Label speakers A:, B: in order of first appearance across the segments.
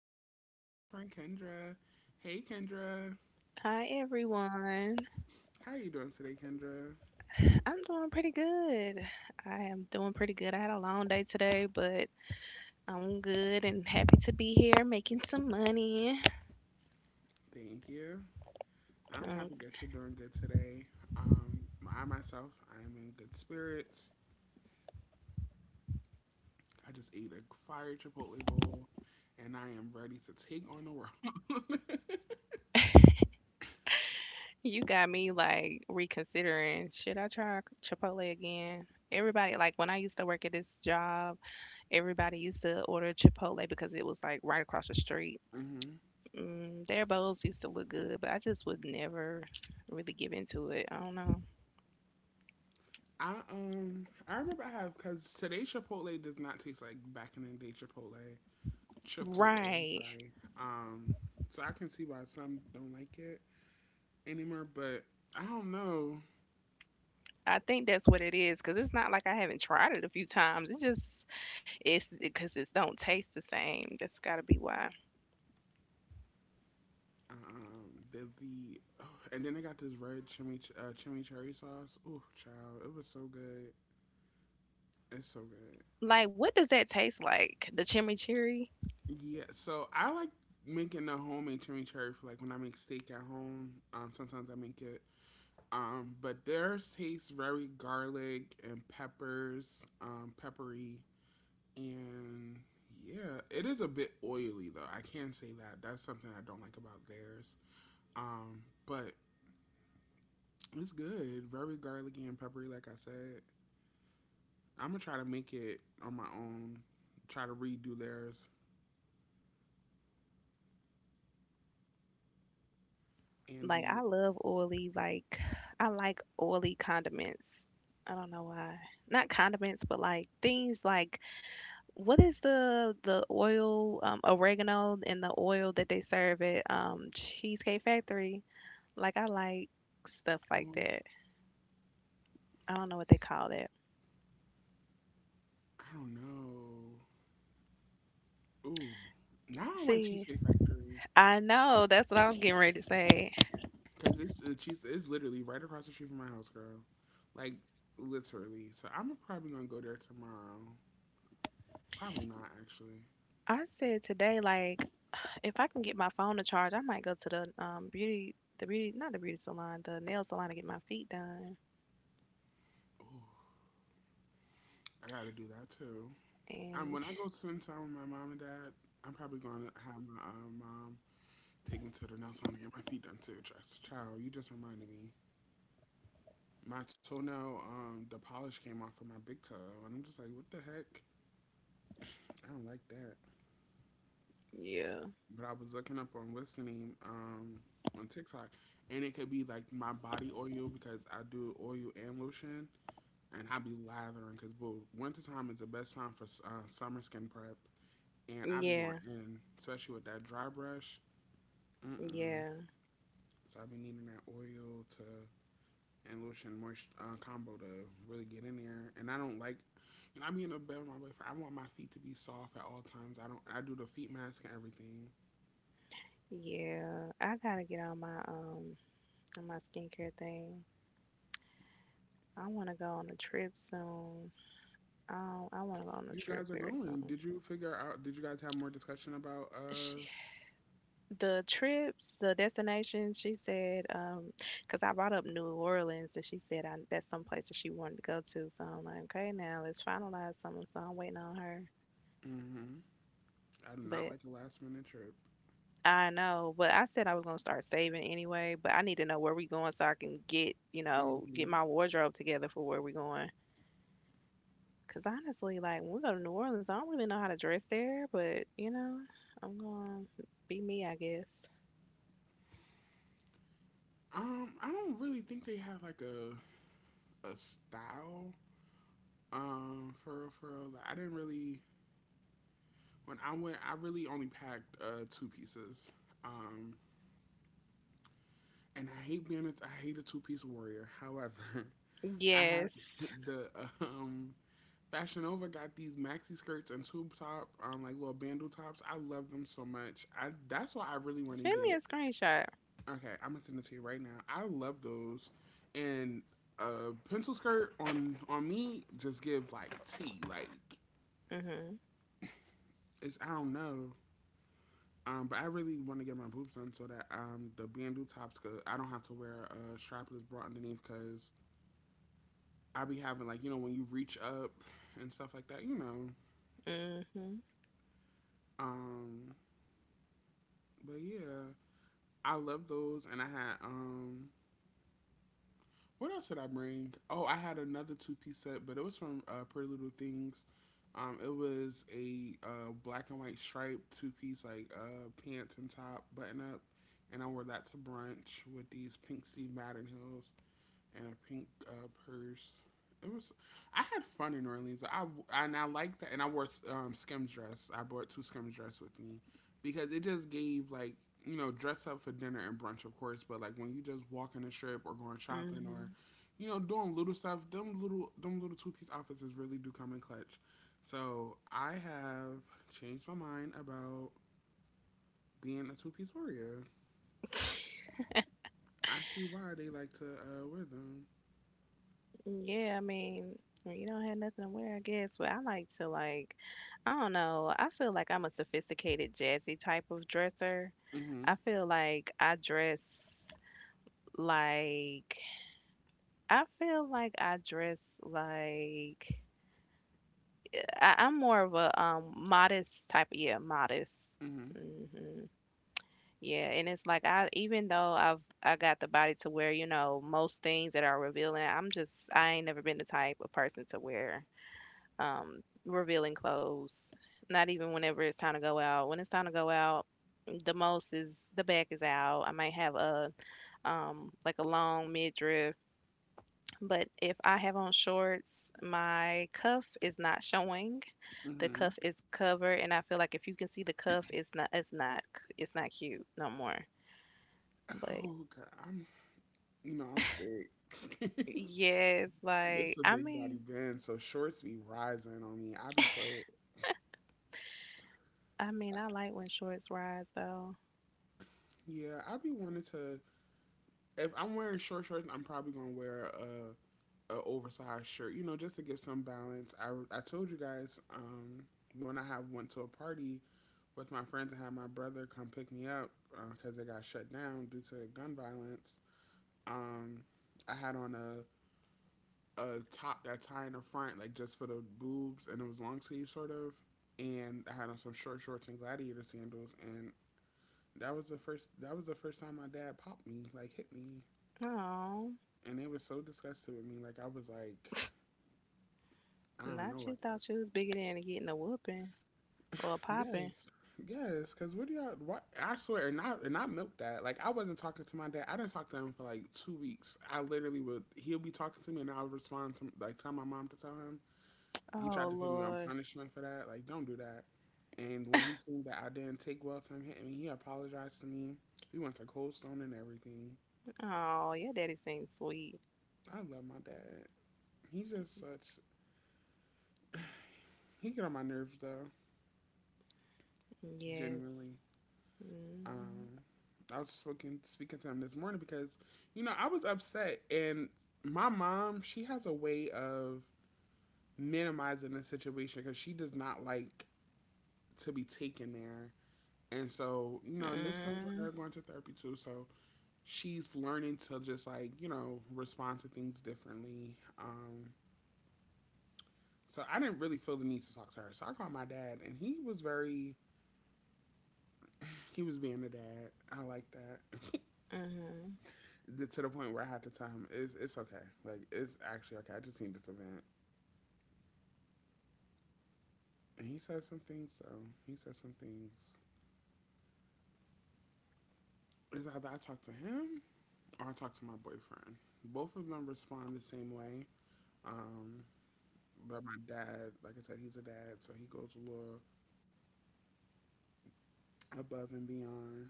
A: with my good girlfriend Kendra. Hey Kendra,
B: Hi everyone.
A: how are you doing today, Kendra?
B: I'm doing pretty good. I am doing pretty good. I had a long day today, but I'm good and happy to be here making some money.
A: Thank you. I'm
B: Um,
A: happy that you're doing good today. Um, I myself, I am in good spirits. I just ate a fire chipotle bowl, and I am ready to take on the world.
B: you got me like reconsidering. Should I try Chipotle again? Everybody, like when I used to work at this job, everybody used to order Chipotle because it was like right across the street.
A: hmm
B: Mm, their bowls used to look good, but I just would never really give into it. I don't know.
A: I remember I have because today chipotle does not taste like back in the day chipotle. Chipotle, I'm
B: Right.
A: sorry. Um, so I can see why some don't like it anymore, but I don't know.
B: I think that's what it is, cause it's not like I haven't tried it a few times. It just it's because it don't taste the same. That's gotta be why.
A: Um, the, the oh, and then they got this red chimichurri sauce. Ooh, child, it was so good. It's so good.
B: Like, what does that taste like? The chimichurri?
A: Yeah, so I like making the homemade chimichurri for like when I make steak at home. Sometimes I make it. But theirs tastes very garlic and peppers, peppery, and yeah, it is a bit oily though. I can say that. That's something I don't like about theirs. But It's good. Very garlicky and peppery, like I said. I'm gonna try to make it on my own. Try to redo theirs. And
B: Like, I
A: the
B: love oily. Like, I like oily condiments. I don't know why. Not condiments, but like things like what is the oil, oregano and the oil that they serve at Cheesecake Factory? Like, I like stuff like
A: orange,
B: that. I don't know what they call that.
A: I don't know. Ooh, now I want
B: See,
A: Cheesecake Factory
B: I know. That's what I was getting ready to say.
A: because it's cheese. It's literally right across the street from my house, girl. Like literally. So I'm probably gonna go there tomorrow. Probably not actually.
B: I said today, like, if I can get my phone to charge, I might go to the beauty, the beauty, not the beauty salon, the nail salon to get my feet done.
A: Ooh, I gotta do that too.
B: And
A: When I go spend time with my mom and dad, I'm probably gonna have my mom take me to the nail salon to get my feet done too. Child, you just reminded me. My toenail, the polish came off of my big toe, and I'm just like, what the heck? I don't like that.
B: yeah,
A: But I was looking up on listening, on TikTok, and it could be like my body oil because I do oil and lotion, and I be lathering because boo, winter time is the best time for summer skin prep, and I be going
B: yeah,
A: in, especially with that dry brush. Mm mm.
B: yeah,
A: So I be needing that oil to and Lucian Moist combo to really get in there. And I don't like, and I be in the bed with my boyfriend. I want my feet to be soft at all times. I don't. I do the feet mask and everything.
B: yeah. I gotta get on my skincare thing. I want to go on a trip soon. I want to go on a
A: You
B: trip
A: guys are
B: very
A: going.
B: soon.
A: Did you figure out? Did you guys have more discussion about?
B: The trips, the destinations, she said, 'cause I brought up New Orleans and she said I, that's some place that she wanted to go to. So I'm like, okay, now let's finalize something. So I'm waiting on her.
A: Mm-hmm. I do not
B: But
A: like a last minute trip.
B: I know, but I said I was gonna start saving anyway, but I need to know where we going so I can get, you know, get
A: Mm-hmm.
B: my wardrobe together for where we going. 'Cause honestly, like when we go to New Orleans, I don't really know how to dress there, but you know, I'm gonna be me, I guess.
A: I don't really think they have like a style. For real, for real. Like, I didn't really when I went. I really only packed two pieces. Um, and I hate being a, I hate a two-piece warrior. However, I had
B: Yes,
A: the um Fashion Nova got these maxi skirts and tube top, like little bandeau tops. I love them so much. I that's why I really want to
B: send me
A: get.
B: a screenshot.
A: Okay, I'm gonna send it to you right now. I love those, and a pencil skirt on me just give like tea. Like
B: Mhm,
A: it's I don't know. But I really want to get my boobs done so that the bandeau tops, cause I don't have to wear a strapless bra underneath, cause I be having like you know when you reach up and stuff like that, you know.
B: mhm.
A: Um, but Yeah, I love those, and I had what else did I bring? Oh, I had another two-piece set, but it was from Pretty Little Things. It was a black and white striped two-piece, like pants and top button up, and I wore that to brunch with these pink Steve Madden heels and a pink purse. It was. I had fun in New Orleans. I and I liked that, and I wore skim dress. I brought two skim dress with me because it just gave like you know dress up for dinner and brunch, of course. But like when you just walk in the strip or going shopping or
B: Mhm.
A: you know doing little stuff, them little two-piece outfits really do come in clutch. So I have changed my mind about being a two-piece warrior. I see why they like to wear them.
B: Yeah, I mean, when you don't have nothing to wear, I guess. But I like to, like, I don't know. I feel like I'm a sophisticated, jazzy type of dresser. I
A: Hmm
B: feel like I dress like I feel like I dress like I'm more of a modest type. Yeah, modest.
A: hmm
B: Hmm. Yeah, and it's like I even though I got the body to wear, you know, most things that are revealing, I'm just I ain't never been the type of person to wear revealing clothes. Not even whenever it's time to go out. When it's time to go out, the most is the back is out. I might have a like a long midriff, but if I have on shorts, my cuff is not showing. The
A: hmm
B: cuff is covered, and I feel like if you can see the cuff, it's not it's not cute no more. But
A: Oh god, I'm you know I'm thick.
B: yes,
A: This
B: like
A: is a
B: I
A: big body
B: mean,
A: bend, so shorts be rising on me. I be so
B: I mean,
A: I-
B: I like when shorts rise though.
A: yeah, I be wanting to. If I'm wearing short shorts, I'm probably gonna wear a oversized shirt, you know, just to give some balance. I told you guys when I have went to a party with my friends and had my brother come pick me up because they got shut down due to gun violence. Um, I had on a top that high in the front, like just for the boobs, and it was long sleeve sort of. And I had on some short shorts and gladiator sandals, and that was the first. That was the first time my dad popped me, like hit me,
B: Oh,
A: and it was so disgusted with me. Like I was like, I don't
B: not
A: know,
B: you
A: like a,
B: thought you was bigger than getting a whooping. Or popping.
A: yes, yes, because what do y'all? What I swear, and I milked that. Like I wasn't talking to my dad. I didn't talk to him for like 2 weeks. I literally would. He'll be talking to me, and I'll respond to like tell my mom to tell him, he
B: Oh
A: tried to put me on
B: Lord.
A: punishment for that. Like, don't do that. And when he seen that I didn't take well time hitting me, he apologized to me. We went to Cold Stone and everything.
B: Oh, your daddy seems sweet.
A: I love my dad. He's just such. He get on my nerves though,
B: Yes.
A: genuinely.
B: Mm-hmm.
A: Um, I was speaking to him this morning because, you know, I was upset, and my mom she has a way of minimizing the situation because she does not like to be taken there. And so, you know, and this comes with her going to therapy too. So she's learning to just like you know respond to things differently. So I didn't really feel the need to talk to her. So I called my dad, and he was very he was being a dad. I like that.
B: Mm-hmm.
A: To the point where I had to tell him it's okay. Like it's actually okay. I just need this event. And he said some things so he said some things. It's either I talk to him or I talk to my boyfriend. Both of them respond the same way. Um, but My dad, like I said, he's a dad, so he goes a little above and beyond.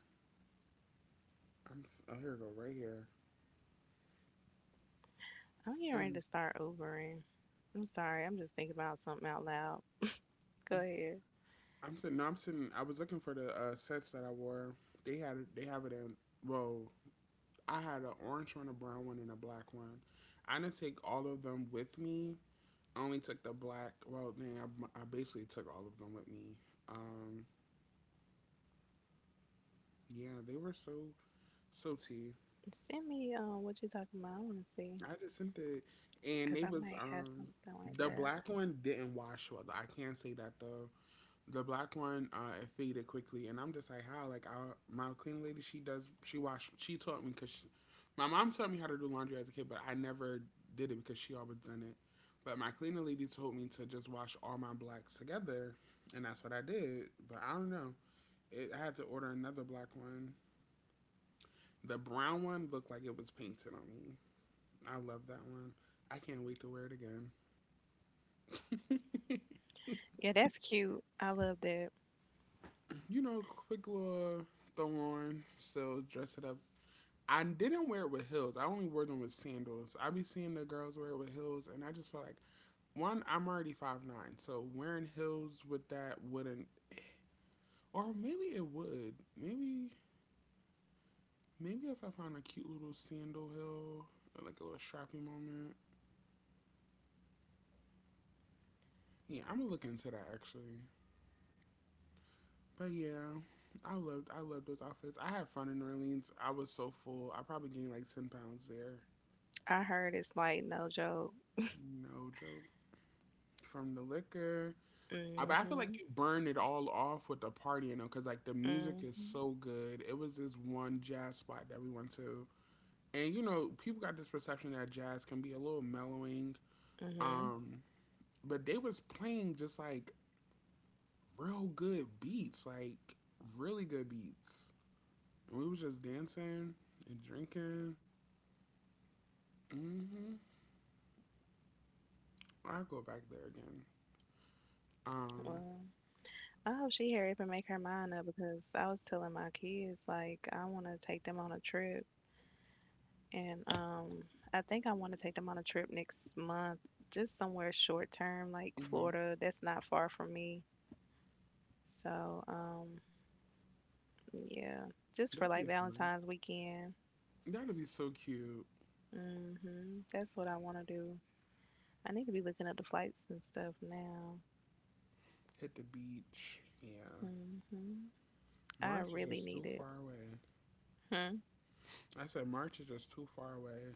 A: I'm oh here we go right here,
B: I'm getting ready to
A: and
B: start Ubering. I'm sorry. I'm just thinking about something out loud. Go ahead.
A: I'm sitting. No, I'm sitting. I was looking for the sets that I wore. They have it in. Well, I had an orange one, a brown one, and a black one. I didn't take all of them with me. I only took the black. Well, man, I basically took all of them with me. Um, yeah, they were so so tea.
B: Send me what you talking about. I want to see.
A: I just sent it, and
B: Cause
A: they
B: I
A: was
B: might have something like
A: the
B: that.
A: black one didn't wash well. I can't say that though. The black one it faded quickly, and I'm just like, how? Like our my cleaning lady, she does, she wash, she taught me because she, my mom taught me how to do laundry as a kid, but I never did it because she always done it. But my cleaning lady told me to just wash all my blacks together, and that's what I did. But I don't know. It, I had to order another black one. The brown one looked like it was painted on me. I love that one. I can't wait to wear it again.
B: Yeah, that's cute. I love that.
A: You know, quick little throw on, still dress it up I didn't wear it with heels. I only wore them with sandals. I be seeing the girls wear it with heels, and I just feel like one, I'm already 5'9", so wearing heels with that wouldn't, or maybe it would. Maybe maybe if I find a cute little sandal heel, or like a little strappy moment. Yeah, I'm gonna look into that actually. But yeah, I loved those outfits. I had fun in New Orleans. I was so full. I probably gained like 10 pounds there.
B: I heard it's like no joke.
A: No joke. From the liquor I, but I feel like
B: Mm-hmm.
A: you burned it all off with the party, you know, because like the music is
B: Mm-hmm.
A: so good. It was this one jazz spot that we went to, and you know, people got this perception that jazz can be a little mellowing,
B: Mm-hmm.
A: um, but they was playing just like real good beats, like really good beats. And we was just dancing and drinking. Mm-hmm. I'll go back there again. Um,
B: Well, I hope she hurry up and make her mind up because I was telling my kids like I want to take them on a trip, and I think I want to take them on a trip next month, just somewhere short term like
A: mm-hmm.
B: Florida. That's not far from me, so yeah, just
A: That'd
B: for
A: be
B: like
A: fun.
B: Valentine's weekend.
A: That'd be so cute.
B: Hmm. That's what I want to do. I need to be looking up the flights and stuff now.
A: Hit the beach. Yeah.
B: Hmm. I
A: March is
B: really
A: just too
B: need it.
A: far away. I said March is just too far away.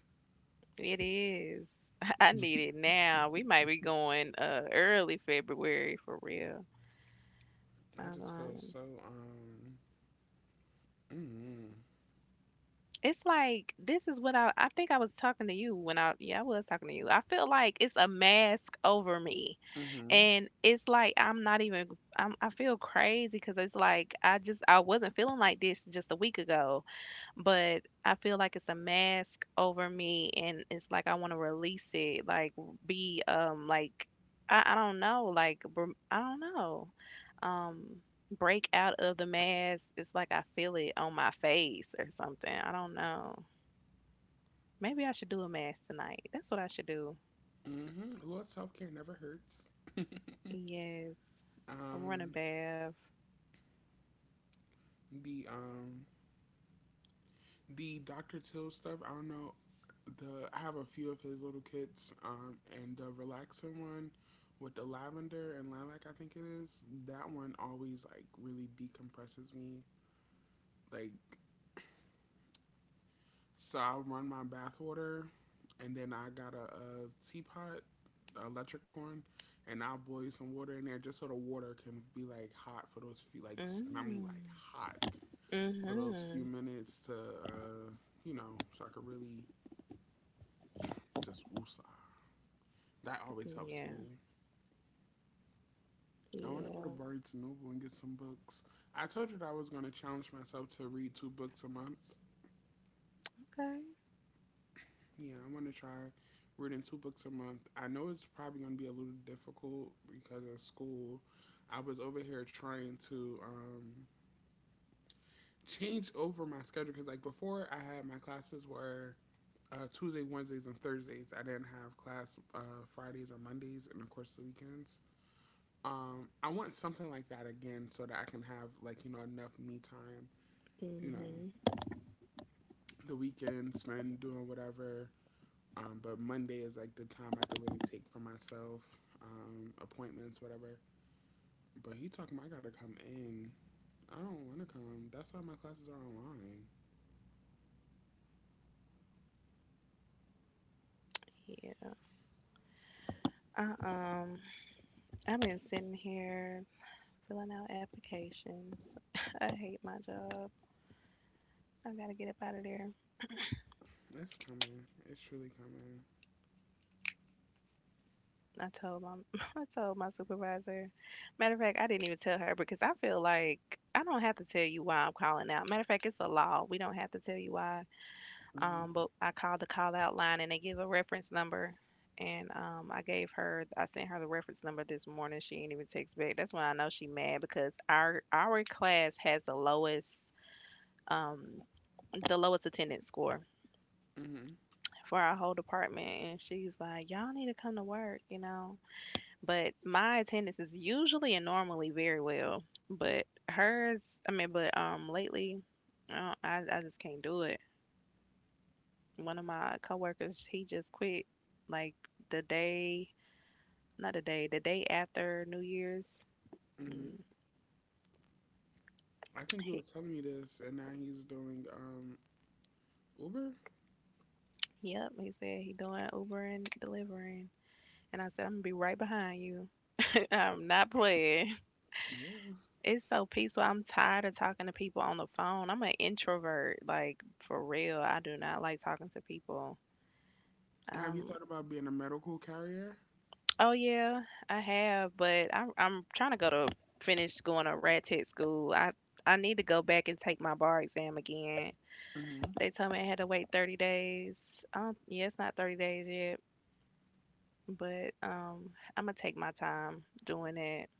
B: It is. I need it now. We might be going early February for real.
A: I
B: Um,
A: just feel
B: um,
A: so um mm
B: it's like this is what I think I was talking to you when I yeah, I was talking to you. I feel like it's a mask over me.
A: mhm
B: And it's like I'm not even I'm I feel crazy cuz it's like I just I wasn't feeling like this just a week ago. But I feel like it's a mask over me and it's like I want to release it like be like I don't know like I don't know, um break out of the mask. It's like I feel it on my face or something. I don't know, maybe I should do a mask tonight. That's what I should do.
A: mhm. Lord, self care never hurts.
B: Yes, run a
A: Um,
B: bath.
A: the the Dr. Till stuff. I don't know. The I have a few of his little kits. And the relaxing one with the lavender and lilac, I think it is. That one always like really decompresses me. Like. So I run my bath water, and then I got a teapot, a electric one, and I'll boil some water in there just so the water can be like hot for those few like, and I mean like
B: Mm.
A: hot for those few
B: Mhm.
A: minutes to, you know, so I could really just woosah. That always helps
B: Yeah.
A: me. I want to go to
B: Yeah.
A: Barnes and Noble and get some books. I told you that I was going to challenge myself to read two books a month.
B: Okay.
A: Yeah, I'm gonna try reading two books a month. I know it's probably gonna be a little difficult because of school. I was over here trying to change over my schedule because, like, before I had my classes were Tuesday, Wednesdays, and Thursdays. I didn't have class Fridays or Mondays, and of course the weekends. I want something like that again so that I can have like you know enough me time. You know,
B: Mhm.
A: the weekend spend doing whatever. But Monday is like the time I could really take for myself, appointments, whatever. But he talking about I gotta come in. I don't want to come. That's why my classes are online.
B: Yeah. I, um I've been sitting here filling out applications. I hate my job. I gotta get up out of there.
A: It's coming. It's truly coming.
B: I told my I told my supervisor. Matter of fact, I didn't even tell her because I feel like I don't have to tell you why I'm calling out. Matter of fact, it's a law. We don't have to tell you why.
A: Mhm.
B: But I called the call out line and they give a reference number. And I gave her, I sent her the reference number this morning. She didn't even text back. That's when I know she mad because our class has um the lowest attendance score
A: Mhm.
B: for our whole department and she's like y'all need to come to work you know, but my attendance is usually and normally very well but hers, I mean, but lately i don't- I just can't do it. One of my coworkers he just quit, like the day, not the day, the day after New Year's.
A: Mhm.
B: Mm,
A: I think you
B: he,
A: was telling me this, and now he's doing Uber.
B: yep, he said he doing Uber and delivering, and I said I'm gonna be right behind you. I'm not playing.
A: Yeah.
B: It's so peaceful. I'm tired of talking to people on the phone. I'm an introvert, like for real. I do not like talking to people.
A: Have you
B: Um,
A: thought about being a medical carrier?
B: oh yeah, I have, but I'm trying to go to finish going to rat tit school. I need to go back and take my bar exam again.
A: Mhm.
B: They told me I had to wait 30 days. Yeah, it's not 30 days yet, but I'm gonna take my time doing it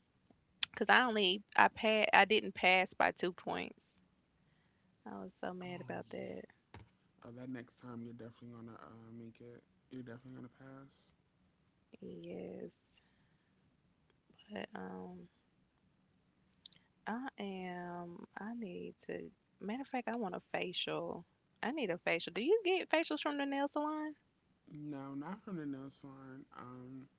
B: because I only I pa I didn't pass by 2 points. I was so
A: Oh
B: mad about
A: yeah.
B: that.
A: Oh, that next time you're definitely gonna make it. You're definitely gonna pass.
B: Yes. But I am I need to matter of fact I want a facial. I need a facial. Do you get facials from the nail salon?
A: No, not from the nail salon. Um,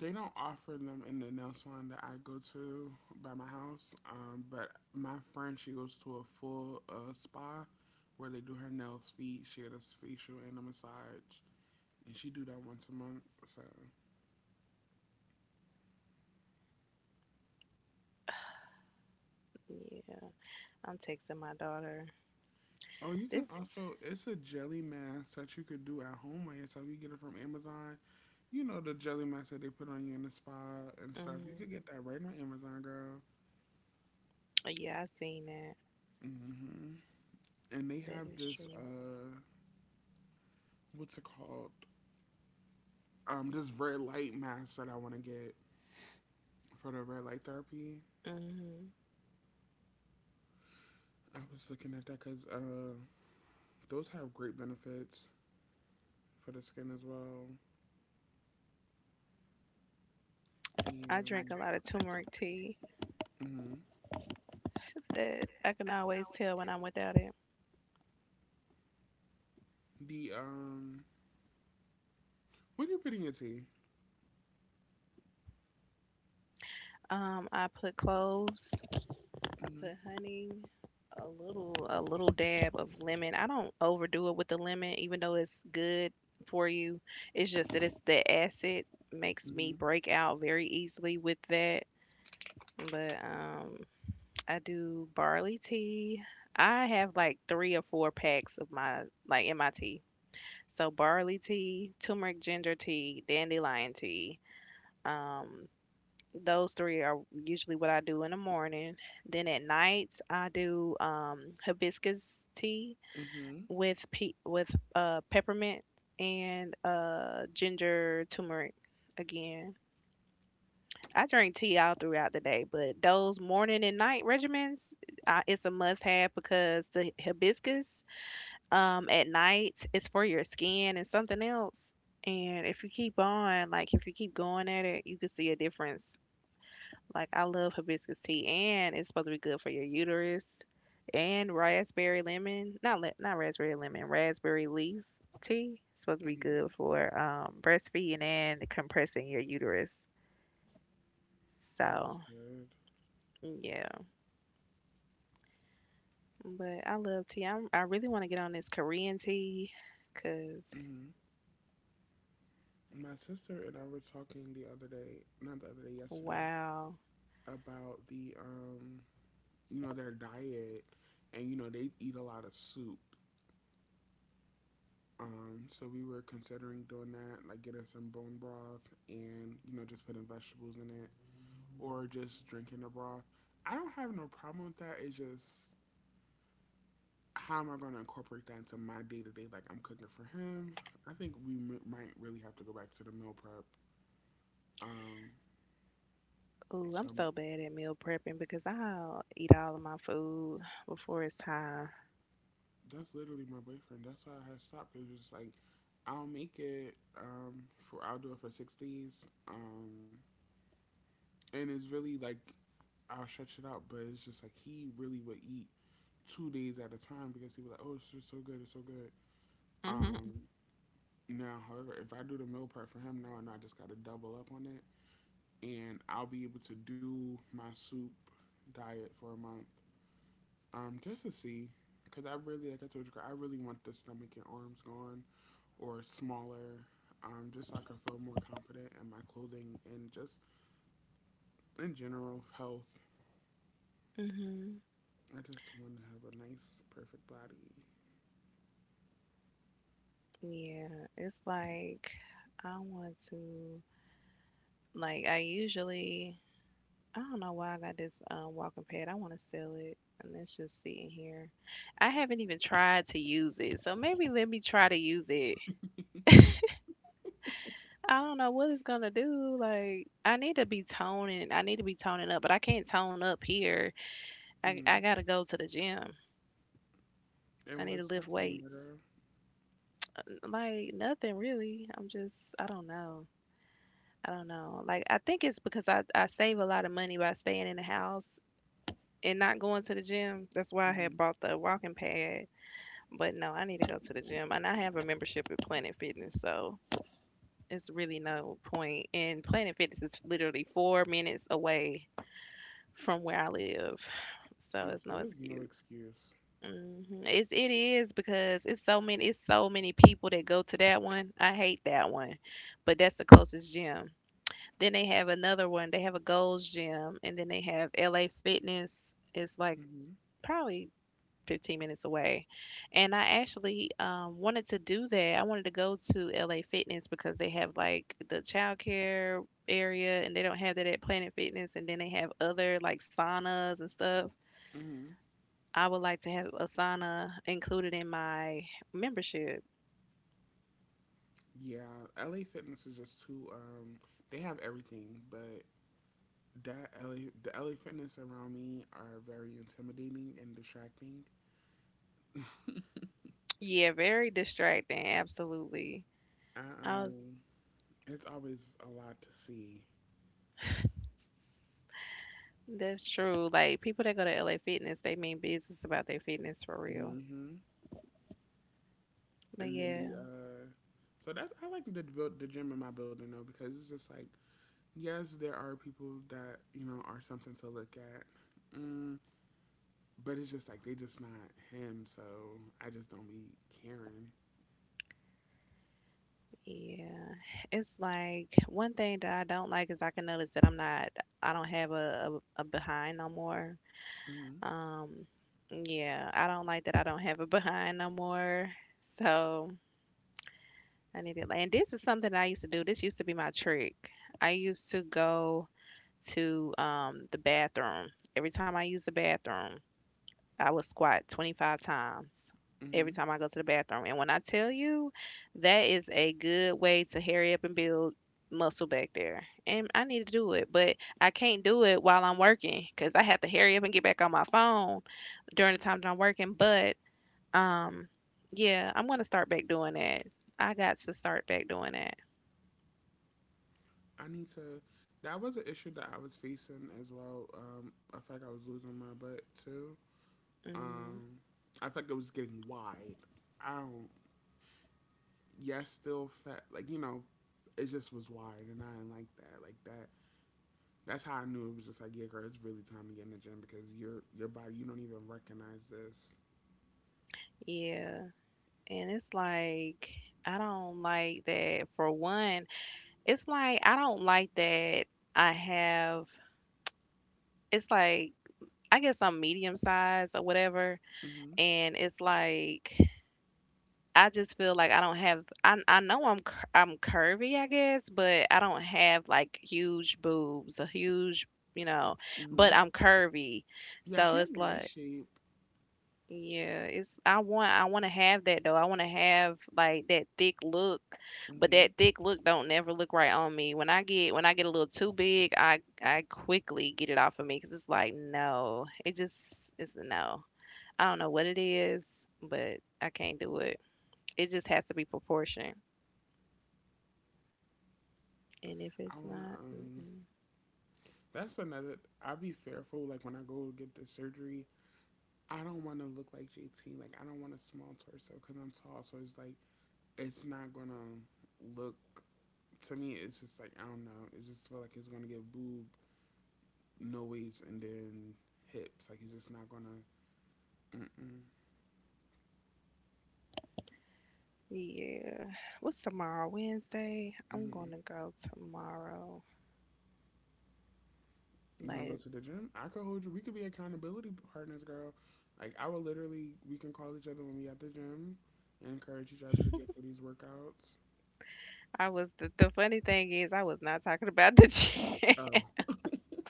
A: They don't offer them in the nail salon that I go to by my house. But my friend, she goes to a full spa where they do her nails, feet, she had a facial and a massage, and she do that once a month. So,
B: Yeah. I'm texting my daughter.
A: oh, you can
B: This,
A: also it's a jelly mask that you could do at home by yourself. You get it from Amazon. You know the jelly mask that they put on you in the spa and stuff. You
B: mm,
A: could get that right on Amazon, girl.
B: yeah, I seen that.
A: Hmm. And they
B: That
A: have
B: is
A: this
B: true.
A: what's it called? This red light mask that I want to get for the red light therapy.
B: Hmm.
A: I was looking at that because those have great benefits for the skin as well. I
B: I drink
A: And
B: a lot of turmeric tea
A: tea. Hmm.
B: that I can always tell when I'm without it.
A: the what do you put in your tea?
B: I put cloves, I put
A: Mhm,
B: honey, a little dab of lemon. I don't overdo it with the lemon, even though it's good for you. It's just that it's the acid makes me
A: mhm,
B: break out very easily with that. But I do barley tea. I have like three or four packs of my like in my tea. So barley tea, turmeric ginger tea, dandelion tea, um, those three are usually what I do in the morning. Then at night, I do hibiscus tea
A: mhm,
B: with with peppermint and ginger turmeric. Again, I drink tea all throughout the day, but those morning and night regimens, it's a must-have because the hibiscus, at night is for your skin and something else. And if you keep on, like if you keep going at it, you can see a difference like I love hibiscus tea, and it's supposed to be good for your uterus. And raspberry lemon, not le- not raspberry lemon, raspberry leaf tea. It's supposed to be
A: mhm.
B: good for breastfeeding and compressing your uterus.
A: Oh, that's
B: So
A: good.
B: yeah, but I love tea. I really want to get on this Korean tea, cause
A: Mhm. My sister and I were talking the other day, not the other day, yesterday,
B: wow.
A: about the you know, their diet, and you know they eat a lot of soup. So we were considering doing that, like getting some bone broth and you know just putting vegetables in it, or just drinking the broth. I don't have no problem with that. It's just how am I going to incorporate that into my day to day? Like I'm cooking for him. I think we m- might really have to go back to the meal prep. Um,
B: Ooh,
A: so
B: I'm so bad at meal prepping because I'll eat all of my food before it's time.
A: that's literally my boyfriend. That's why I had stopped because it's like I'll make it. Um, for I'll do it for 6 days. And it's really like I'll stretch it out, but it's just like he really would eat 2 days at a time because he was like, "Oh, it's just so good, it's so good." Um,
B: Hmm.
A: now, however, if I do the meal prep for him now, and I just got to double up on it, and I'll be able to do my soup diet for a month, just to see, because I really, like I told you, I really want the stomach and arms gone or smaller, just so I can feel more confident in my clothing and just in general health.
B: Hmm.
A: I just want to have a nice, perfect body.
B: Yeah, it's like I want to like I usually I don't know why I got this walking pad. I want to sell it, and it's just sitting here. I haven't even tried to use it, so maybe let me try to use it. I don't know what it's gonna do. Like I need to be toning. I need to be toning up, but I can't tone up here. I
A: Hmm.
B: gotta go to the gym. I
A: And
B: need to
A: what's
B: lift
A: stopping you, my
B: weights.
A: girl?
B: Uh, Like nothing really. I'm just I don't know. I don't know. Like I think it's because I save a lot of money by staying in the house and not going to the gym. That's why I
A: Hmm.
B: had bought the walking pad. But no, I need to go to the gym. And I have a membership at Planet Fitness, so it's really no point. And Planet Fitness is literally 4 minutes away from where I live. So
A: Oh,
B: it's
A: so
B: no
A: there's no
B: excuse.
A: excuse.
B: It is because it's so many people that go to that one. I hate that one, but that's the closest gym. Then they have another one. They have a Gold's Gym, and then they have LA Fitness. It's like
A: Hmm.
B: probably 15 minutes away. And I actually wanted to do that. I wanted to go to LA Fitness because they have like the childcare area, and they don't have that at Planet Fitness. And then they have other like saunas and stuff.
A: Hmm.
B: I would like to have a sauna included in my membership.
A: Yeah, LA Fitness is just too. They have everything, but the LA Fitness around me are very intimidating and distracting.
B: Yeah, very distracting. Absolutely.
A: I,
B: I
A: um, it's always a lot to see.
B: That's true. Like people that go to LA Fitness, they mean business about their fitness for real.
A: Hmm.
B: But
A: And then
B: yeah,
A: the so that's I like the build the gym in my building though because it's just like yes, there are people that you know are something to look at, mm, but it's just like they just not him. So I just don't be caring.
B: yeah. It's like one thing that I don't like is I can notice that I don't have a behind no more.
A: Mm-hmm.
B: Um yeah, I don't like that I don't have a behind no more. So I need it. And this is something I used to do. This used to be my trick. I used to go to the bathroom. Every time I use the bathroom, I would squat 25 times every
A: Mm-hmm.
B: time I go to the bathroom. And when I tell you, that is a good way to hurry up and build muscle back there. And I need to do it, but I can't do it while I'm working because I have to hurry up and get back on my phone during the time that I'm working. But um, yeah, I'm gonna start back doing that. I got to start back doing that.
A: I need to. That was an issue that I was facing as well. I felt like I was losing my butt too.
B: Mm,
A: Um, I felt like it was getting wide. I don't. Yes, still fat. Like you know, it just was wide, and I didn't like that. Like that's how I knew it was just like, yeah, girl, it's really time to get in the gym because your body, you don't even recognize this.
B: yeah, and it's like I don't like that. For one, it's like I don't like that I have it's like I guess I'm medium size or whatever,
A: Hmm.
B: and it's like I just feel like I don't have I know I'm curvy I guess, but I don't have like huge boobs, a huge, you know but
A: Hmm.
B: I'm curvy,
A: Yeah,
B: so
A: she has
B: it's
A: a nice
B: like,
A: shape.
B: yeah, it's I want to have that though. I want to have like that thick look, but
A: Hmm.
B: that thick look don't never look right on me. When I get a little too big, I quickly get it off of me because it's like no, it's a no. I don't know what it is, but I can't do it. It just has to be proportion, and if
A: I
B: it's
A: wanna
B: not,
A: um.
B: mm-mm.
A: That's another. I be fearful like when I go get the surgery. I don't want to look like JT. Like I don't want a small torso because I'm tall. So it's like it's not gonna look to me. It's just like I don't know. It just feel like it's gonna get boob, no waist, and then hips. Like it's just not gonna. Mm-mm.
B: Yeah. What's tomorrow? Wednesday. I'm gonna
A: Mm-hmm.
B: go tomorrow.
A: You gonna go
B: Like,
A: to the gym? I could hold you. We could be accountability partners, girl. Like I would literally, we can call each other when we at the gym and encourage each other to get through these workouts.
B: I was the funny thing is I was not talking about the gym.
A: Oh.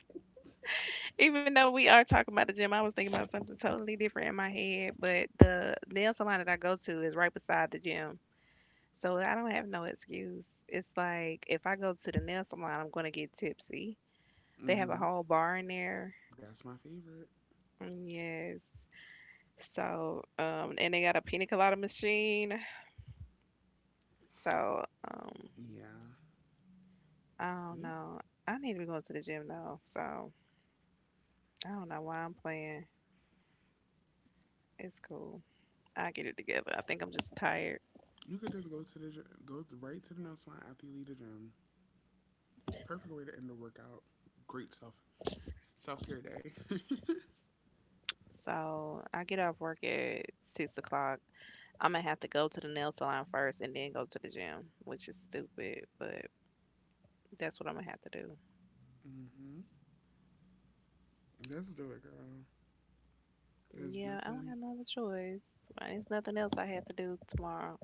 B: Even though we are talking about the gym, I was thinking about something totally different in my head. But the nail salon that I go to is right beside the gym. So I don't have no excuse. It's like if I go to the nail salon, I'm gonna get tipsy. They have a
A: Mhm.
B: whole bar in there.
A: That's my favorite.
B: Mm, yes. And they got a pina colada machine. So, um,
A: Yeah.
B: I don't
A: See,
B: know. I need to be going to the gym though. So I don't know why I'm playing. It's cool. I get it together. I think I'm just tired.
A: you could just go to the gy- go th- right to the nail salon after you leave the gym. Perfect way to end the workout. Great self care day.
B: So I get off work at 6 o'clock. I'm gonna have to go to the nail salon first and then go to the gym, which is stupid, but that's what I'm gonna have to do.
A: Hmm. Let's do it, girl. There's
B: Yeah, I don't
A: nothing.
B: have no other choice. There's nothing else I have to do tomorrow.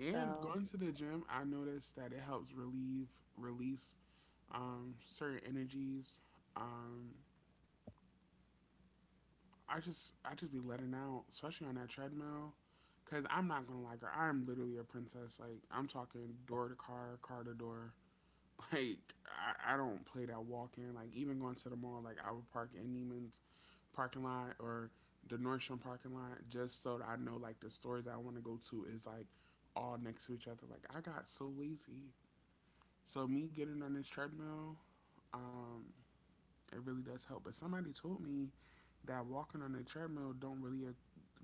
A: And
B: So,
A: going to the gym, I noticed that it helps relieve release certain energies. Um, I just be letting out, especially on that treadmill. Cause I'm not gonna lie, girl. I'm literally a princess. Like I'm talking door to car, car to door. Like I don't play that walk in. Like even going to the mall, like I would park in Neiman's parking lot or the Nordstrom parking lot just so that I know like the stores that I want to go to is like all next to each other. Like I got so lazy. So me getting on this treadmill, um, it really does help. But somebody told me that walking on the treadmill don't really a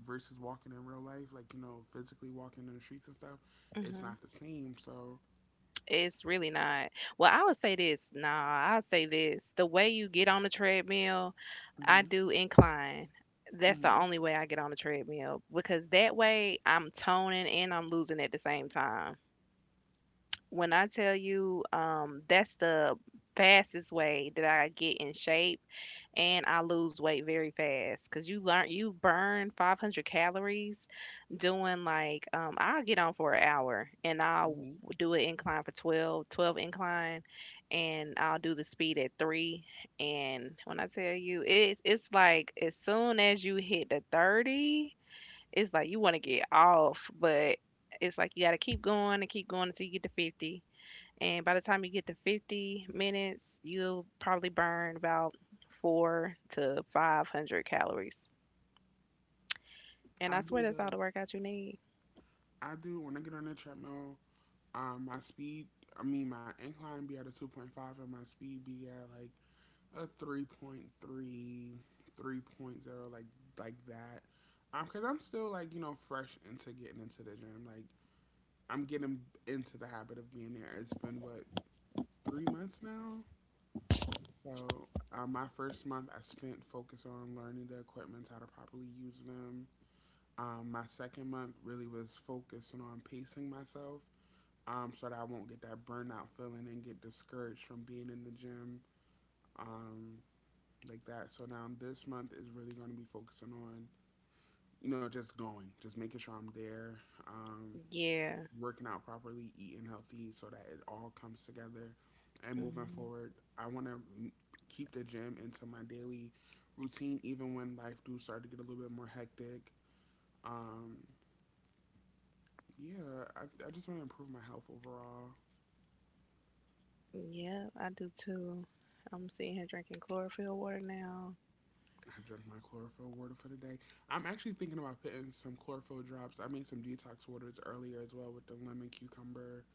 A: versus walking in real life, like you know, physically walking in the streets and stuff, it's not
B: hmm,
A: the same. So,
B: it's really not. Well, I would say this. Nah, I'll say this. The way you get on the treadmill, I
A: hmm
B: do incline. That's the
A: hmm
B: only way I get on the treadmill because that way I'm toning and I'm losing at the same time. When I tell you, that's the fastest way that I get in shape, and I lose weight very fast because you burn 500 calories doing like I'll get on for an hour, and I'll
A: hmm.
B: do an incline for 12 incline, and I'll do the speed at 3. And when I tell you, it's like as soon as you hit the 30, it's like you want to get off, but it's like you got to keep going and keep going until you get to 50. And by the time you get to 50 minutes, you'll probably burn about 4 to 500 calories. And I
A: I
B: swear
A: do
B: that's all the
A: the
B: workout you need.
A: I do when I get on that treadmill. My speed, I mean, my incline be at a 2.5 and my speed be at like a 3.3, 3.0, like like that. Cause I'm still like you know fresh into getting into the gym. Like I'm getting into the habit of being there. It's been what 3 months now. My first month I spent focused on learning the equipment, how to properly use them. My second month really was focusing on pacing myself so that I won't get that burnout feeling and get discouraged from being in the gym, um, like that. So now this month is really going to be focusing on, you know, just going, just making sure I'm there, um,
B: Yeah.
A: working out properly, eating healthy, so that it all comes together. And moving
B: Hmm.
A: forward, I want to keep the gym into my daily routine, even when life do start to get a little bit more hectic. Um, yeah, I just want to improve my health overall.
B: Yeah, I do too. I'm sitting here drinking chlorophyll water now.
A: I drank my chlorophyll water for the day. I'm actually thinking about putting some chlorophyll drops. I made some detox waters earlier as well with the lemon, cucumber,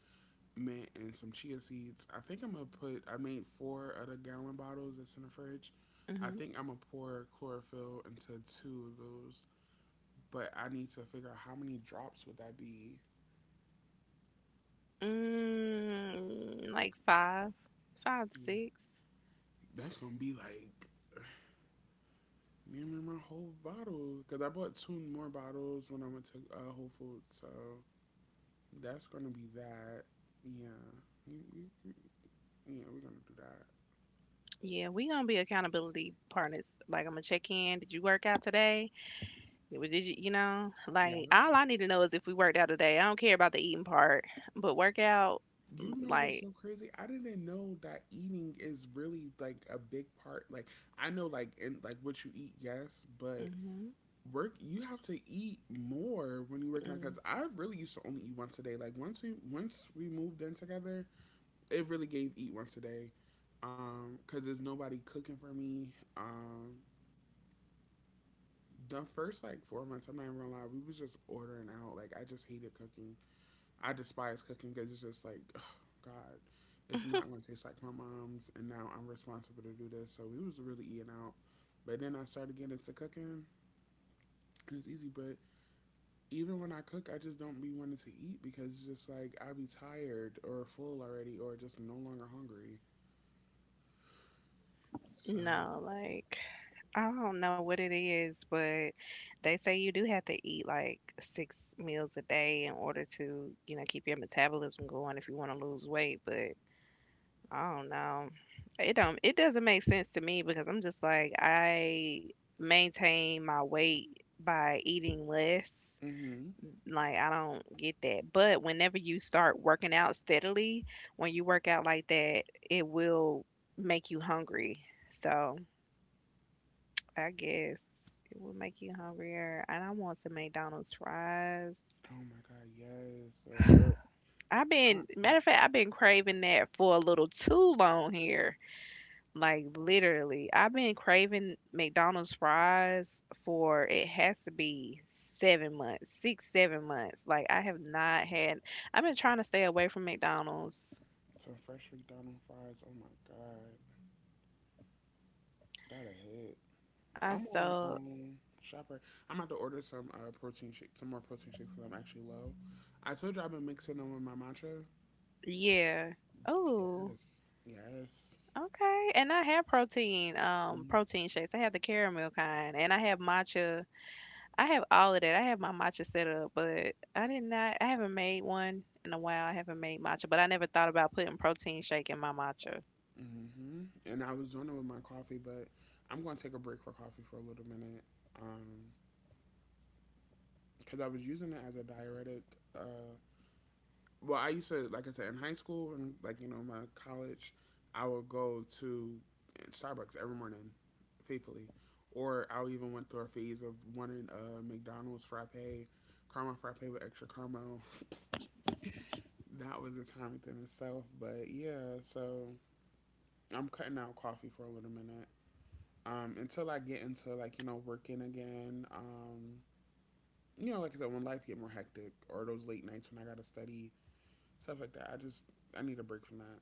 A: mint, and some chia seeds. I think I'm gonna put. I made four of the gallon bottles that's in the fridge. I
B: Hmm.
A: think I'm gonna pour chlorophyll into two of those, but I need to figure out how many drops would that be.
B: Mm, like five, five to
A: Yeah.
B: six.
A: That's gonna be like nearly my whole bottle because I bought two more bottles when I went to Whole Foods. So that's gonna be that. Yeah, you, you, you- yeah, we're gonna do that.
B: Yeah, we gonna be accountability partners. Like, I'm gonna check in. Did you work out today? It was, did you,
A: Yeah,
B: like all I need to know is if we worked out today. I don't care about the eating part, but workout, mm,
A: you know what's
B: like,
A: so crazy? I didn't know that eating is really like a big part. Like I know, like in like what you eat, yes, but
B: mm-hmm,
A: work you have to eat more when you're working out. Cause
B: mm,
A: I really used to only eat once a day. Like once we moved in together, it really gave eat once a day. Cause there's nobody cooking for me. Um, The first like 4 months, I'm not even gonna lie, we was just ordering out. Like I just hated cooking. I despise cooking because it's just like, ugh, God, it's not gonna taste like my mom's, and now I'm responsible to do this. So we was really eating out. But then I started getting into cooking, and it's easy, but even when I cook, I just don't be wanting to eat because it's just like I be tired or full already or just no longer hungry. So,
B: no, like, I don't know what it is, but they say you do have to eat like 6 meals a day in order to, keep your metabolism going if you want to lose weight. But I don't know, it doesn't make sense to me because I'm just like I maintain my weight by eating less.
A: mm-hmm.
B: Like, I don't get that, but whenever you start working out steadily, when you work out like that, it will make you hungry. So, I guess it will make you hungrier. And I want some McDonald's fries.
A: Oh my God, yes.
B: I've
A: Uh, uh,
B: been, matter of fact, I've been craving that for a little too long here. Like literally, I've been craving McDonald's fries for it has to be 7 months, six, 7 months. Like I have not had. I've been trying to stay away from McDonald's.
A: some fresh McDonald's fries. Oh my God. That a hit.
B: I
A: I'm on
B: so
A: shopper. I'm about to order some protein shake, some more protein shakes because I'm actually low. I told you I've been mixing them with my matcha.
B: Yeah. Oh,
A: Yes, yes.
B: okay. And I have protein, protein shakes. I have the caramel kind, and I have matcha. I have all of that. I have my matcha set up, but I did not. I haven't made one in a while. I haven't made matcha, but I never thought about putting protein shake in my matcha.
A: Mm-hmm. And I was doing it with my coffee, but I'm going to take a break for coffee for a little minute. Um, because I was using it as a diuretic. uh, well, I used to, like I said, in high school and like you know my college, I would go to Starbucks every morning, faithfully, or I even went through a phase of wanting a McDonald's frappe, caramel frappe with extra caramel. That was a time within itself, but yeah. So I'm cutting out coffee for a little minute until I get into like you know working again. You know, like I said, when life get more hectic or those late nights when I gotta study stuff like that, I need a break from that.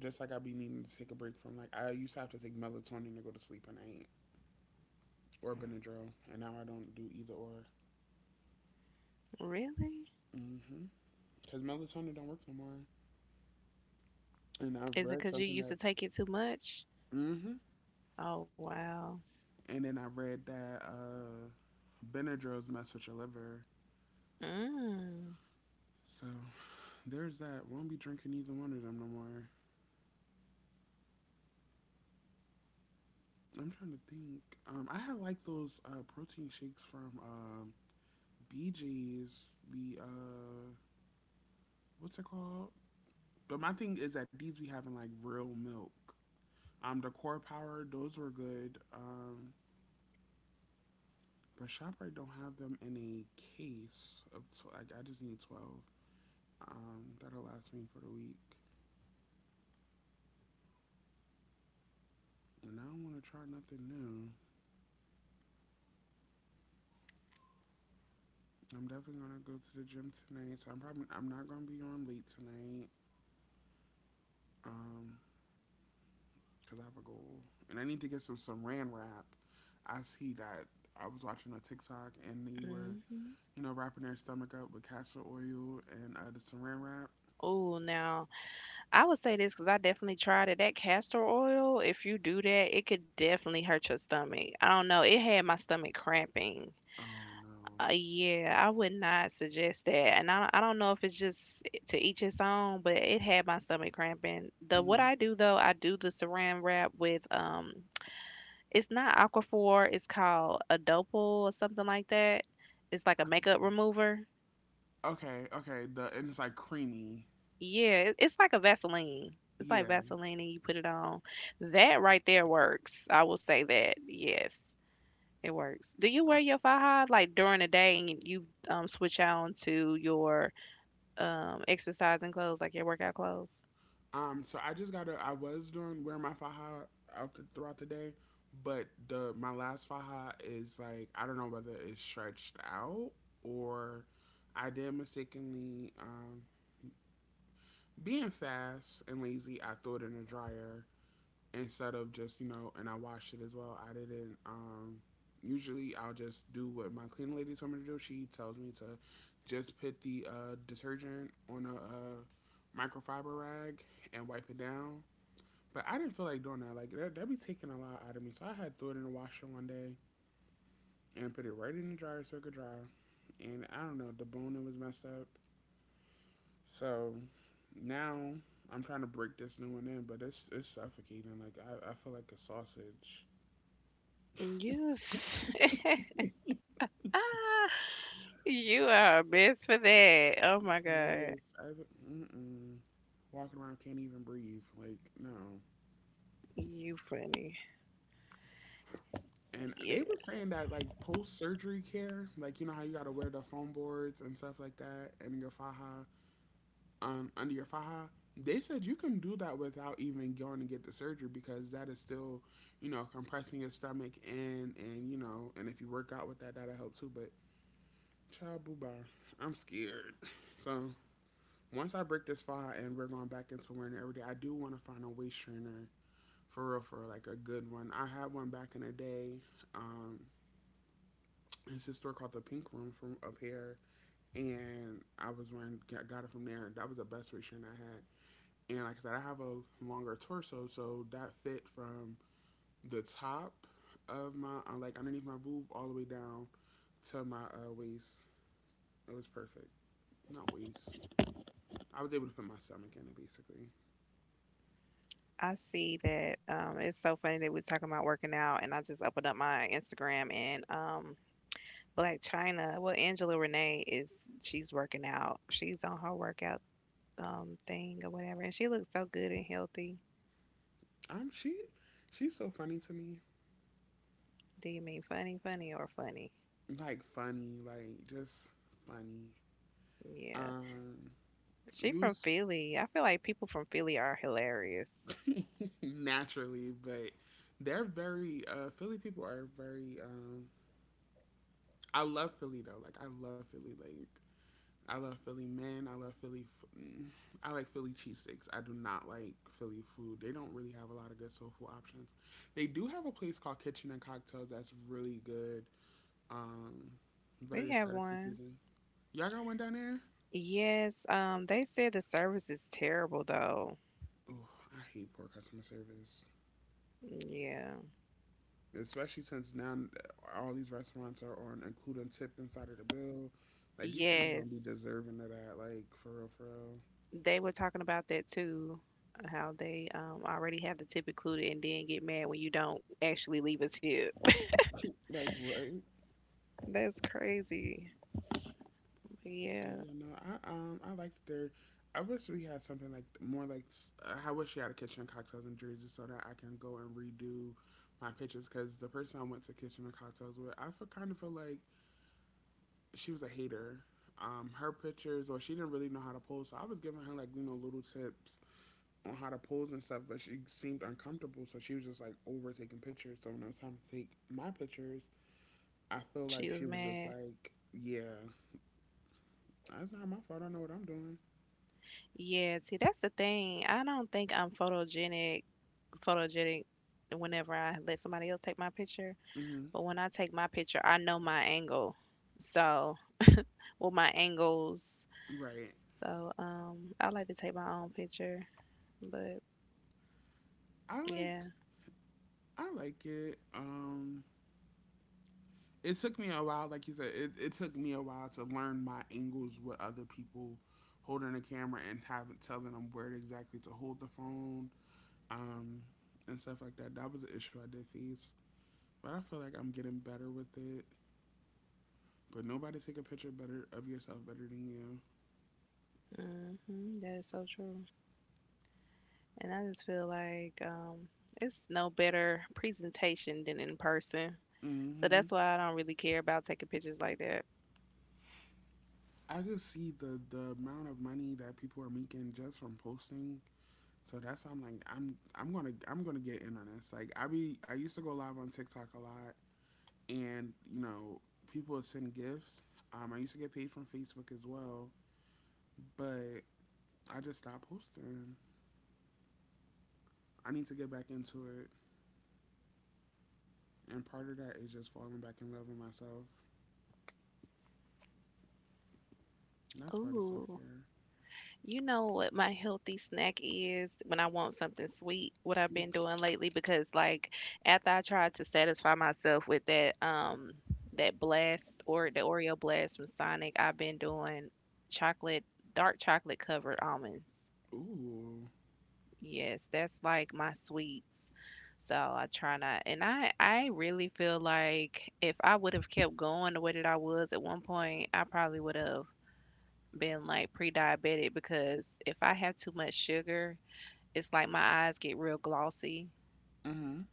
A: Just like I be needing to take a break from like I used to have to take melatonin to go to sleep and I or Benadryl and now I don't do either or.
B: Really?
A: Mhm. Cuz melatonin don't work no more. And I've
B: Is it
A: read
B: because you
A: something
B: used
A: that
B: to take it too much?
A: mhm
B: Oh, wow.
A: and then I read that Benadryls mess with your liver.
B: Mm.
A: So there's that. Won't be drinking either one of them no more. I'm trying to think. I had like those protein shakes from BJ's. The what's it called? But my thing is that these we having like real milk. The core power those were good. But Shoprite don't have them in a case of like I just need 12. That'll last me for the week. And I don't want to try nothing new. I'm definitely gonna go to the gym tonight, so I'm not gonna be on late tonight. Um, cause I have a goal, and I need to get some Saran wrap. I see that I was watching a TikTok and they were
B: Mhm.
A: you know, wrapping their stomach up with castor oil and the saran wrap.
B: Ooh, now, I would say this because I definitely tried it. That castor oil, if you do that, it could definitely hurt your stomach. I don't know, it had my stomach cramping.
A: Oh no.
B: Yeah, I would not suggest that, and I don't know if it's just to each his own, but it had my stomach cramping. The What
A: Mm-hmm.
B: I do though, I do the Saran wrap with, it's not Aquaphor, it's called a Adopal or something like that. It's like a
A: I
B: makeup
A: see.
B: remover.
A: Okay, okay. The and it's like creamy.
B: Yeah, it's like a Vaseline. It's like
A: Yeah.
B: Vaseline and you put it on. That right there works. I will say that. Yes, it works. Do you wear
A: Okay.
B: your faja like during the day and you switch on to your exercising clothes, like your workout clothes?
A: So I just gotta. I was doing wear my faja out the, throughout the day, but the my last faja is like I don't know whether it's stretched out or I did mistakenly being fast and lazy. I threw it in the dryer instead of just you know and I washed it as well I didn't usually I'll just do what my cleaning lady told me to do. She tells me to just put the detergent on a microfiber rag and wipe it down, but I didn't feel like doing that. Like that'd be taking a lot out of me, so I had throw it in the washer one day and put it right in the dryer so it could dry, and I don't know the bone it was messed up. So now I'm trying to break this new one in, but it's suffocating like I feel like a sausage.
B: You ah, you are a mess for that. Oh my God.
A: Yes, I mm-mm, walking around can't even breathe. Like no.
B: You funny.
A: And
B: Yeah.
A: they were saying that like post surgery care, like you know how you gotta wear the foam boards and stuff like that, and your faja, under your faja. They said you can do that without even going to get the surgery because that is still, you know, compressing your stomach and you know, and if you work out with that, that'll help too. But child, boo bye, I'm scared. So once I break this faja and we're going back into wearing it every day, I do want to find a waist trainer. For real, like a good one. I had one back in the day. Um, it's a store called the Pink Room from up here, and I was wearing got it from there. That was the best restraint I had. And like I said, I have a longer torso, so that fit from the top of my like underneath my boob all the way down to my waist. It was perfect. Not waist. I was able to put my stomach in it basically.
B: I see that it's so funny that we're talking about working out, and I just opened up my Instagram and Black China. Well, Angela Renee is, she's working out. She's on her workout thing or whatever, and she looks so good and healthy.
A: I'm she. She's so funny to me.
B: Do you mean funny, funny, or funny?
A: Like funny, like just funny.
B: Yeah,
A: Um, it
B: she from
A: was
B: Philly. I feel like people from Philly are hilarious.
A: naturally, but they're very Philly people are very. I love Philly though. Like I love Philly. Like I love Philly men. I love Philly. I like Philly cheesesteaks. I do not like Philly food. They don't really have a lot of good soul food options. They do have a place called Kitchen and Cocktails that's really good. Um, very
B: We have
A: aesthetically
B: one.
A: pleasing. Y'all got one down there?
B: Yes. They said the service is terrible though.
A: Oh, I hate poor customer service,
B: Yeah.
A: especially since now all these restaurants are on including tip inside of the bill. Like these people don't be
B: Yes.
A: deserving of that. Like for real, for real.
B: They were talking about that too, how they already have the tip included and then get mad when you don't actually leave a tip.
A: Like what?
B: That's crazy. But
A: Like,
B: yeah,
A: you know, I like their. I wish we had something like more like. I wish we had a kitchen and cocktails in Jersey so that I can go and redo my pictures because the person I went to kitchen and cocktails with, kind of feel like she was a hater. Her pictures or she didn't really know how to pose, so I was giving her like you know little tips on how to pose and stuff, but she seemed uncomfortable, so she was just like over taking pictures. So when it was time to take my pictures, I feel like
B: she was
A: she was just
B: mad.
A: like, "Yeah, that's not my fault. I know what I'm doing."
B: Yeah, see, that's the thing. I don't think photogenic whenever I let somebody else take my picture.
A: Hmm.
B: But when I take my picture, I know my angle. So, well, my angles.
A: Right.
B: So, I like to take my own picture. But
A: I like.
B: yeah,
A: I like it. It took me a while, like you said, it took me a while to learn my angles with other people holding the camera and having telling them where exactly to hold the phone, um, and stuff like that. That was an issue I did face, but I feel like I'm getting better with it. But nobody take a picture better of yourself better than you.
B: hmm, that is so true. And I just feel like it's no better presentation than in person. So
A: Mm-hmm.
B: that's why I don't really care about taking pictures like that.
A: I just see the amount of money that people are making just from posting. So that's why I'm like, I'm gonna get in on this. Like I used to go live on TikTok a lot, and you know people would send gifts. I used to get paid from Facebook as well, but I just stopped posting. I need to get back into it, and part of that is just falling back in love with myself. That's part of self
B: Ooh,
A: care.
B: you know what my healthy snack is when I want something sweet, what I've been doing lately because like after I tried to satisfy myself with that that blast or the Oreo blast from Sonic, I've been doing chocolate, dark chocolate covered almonds.
A: Ooh.
B: Yes, that's like my sweets. So I try not, and I really feel like if I would have kept going the way that I was at one point, I probably would have been like pre-diabetic because if I have too much sugar, it's like my eyes get real glossy,
A: Mm-hmm.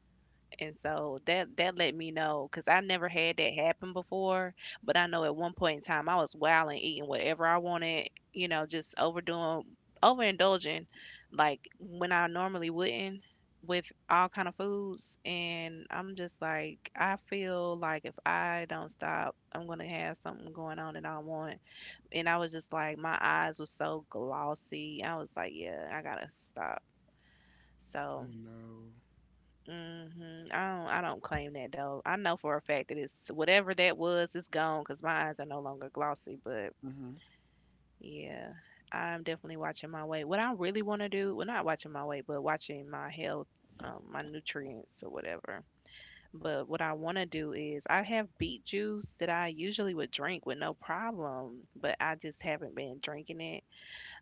B: and so that let me know because I never had that happen before, but I know at one point in time I was wilding, eating whatever I wanted, just overdoing, overindulging, like when I normally wouldn't with all kind of foods. And I'm just like, I feel like if I don't stop, I'm gonna have something going on that I want. And I was just like, my eyes was so glossy. I was like, yeah, I gotta stop. So
A: You know.
B: mhm. I don't claim that though. I know for a fact that it's whatever that was, it's gone because my eyes are no longer glossy. But
A: Mhm.
B: yeah, I'm definitely watching my weight. What I really want to do, well, not watching my weight, but watching my health, my nutrients or whatever. But what I want to do is I have beet juice that I usually would drink with no problem, but I just haven't been drinking it.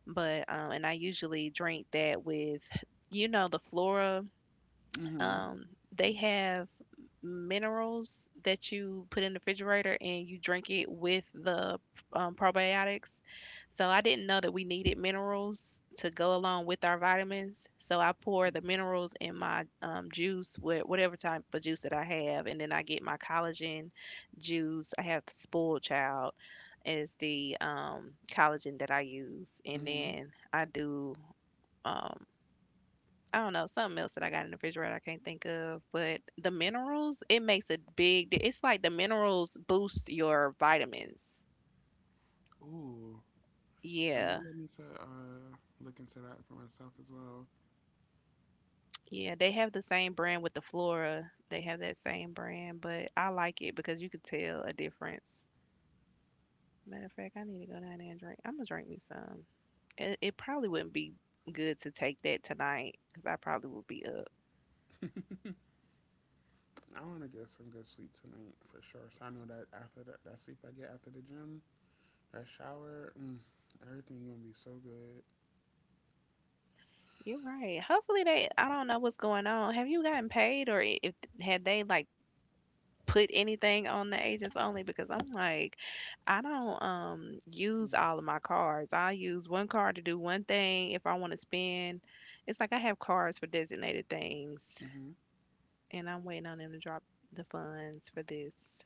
B: But and I usually drink that with, you know, the Flora.
A: Mhm.
B: Um, they have minerals that you put in the refrigerator and you drink it with the probiotics. So I didn't know that we needed minerals to go along with our vitamins. So I pour the minerals in my juice, whatever type of juice that I have, and then I get my collagen juice. I have Spoiled Child is the collagen that I use, and
A: Mhm.
B: then I do. um, I don't know, something else that I got in the refrigerator I can't think of, but the minerals, it makes a big it's like the minerals boost your vitamins.
A: Ooh. So
B: Yeah.
A: maybe I need to look into that for myself as well.
B: Yeah, they have the same brand with the Flora. They have that same brand, but I like it because you could tell a difference. Matter of fact, I need to go down there and drink. I'm gonna drink me some. It probably wouldn't be good to take that tonight because I probably would be up.
A: I want to get some good sleep tonight for sure. So I know that after that, that sleep I get after the gym, that shower, mm, everything gonna be so good.
B: You're right. Hopefully they. I don't know what's going on. Have you gotten paid or if had they like put anything on the agents only because I'm like, I don't use
A: Mm.
B: all of my cards. I use one card to do one thing if I want to spend. It's like I have cards for designated things,
A: Mhm.
B: and I'm waiting on them to drop the funds for this.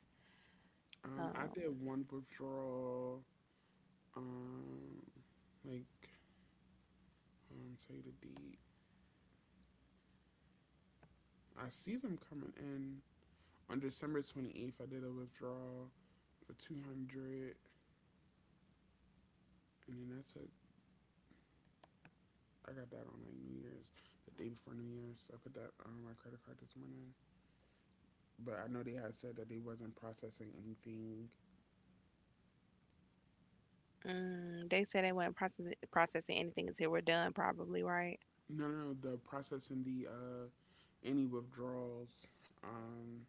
A: I
B: Um,
A: did one withdrawal. Um, like tell you the date. I see them coming in on December 28th. I did a withdrawal for 200, and then that's it. I got that on like New Year's, the day before New Year's. I put that on my credit card this morning. But I know they had said that they wasn't processing anything.
B: mm, they said they weren't processing anything until we're done, probably, right?
A: No, no, no. The processing the any withdrawals. Um,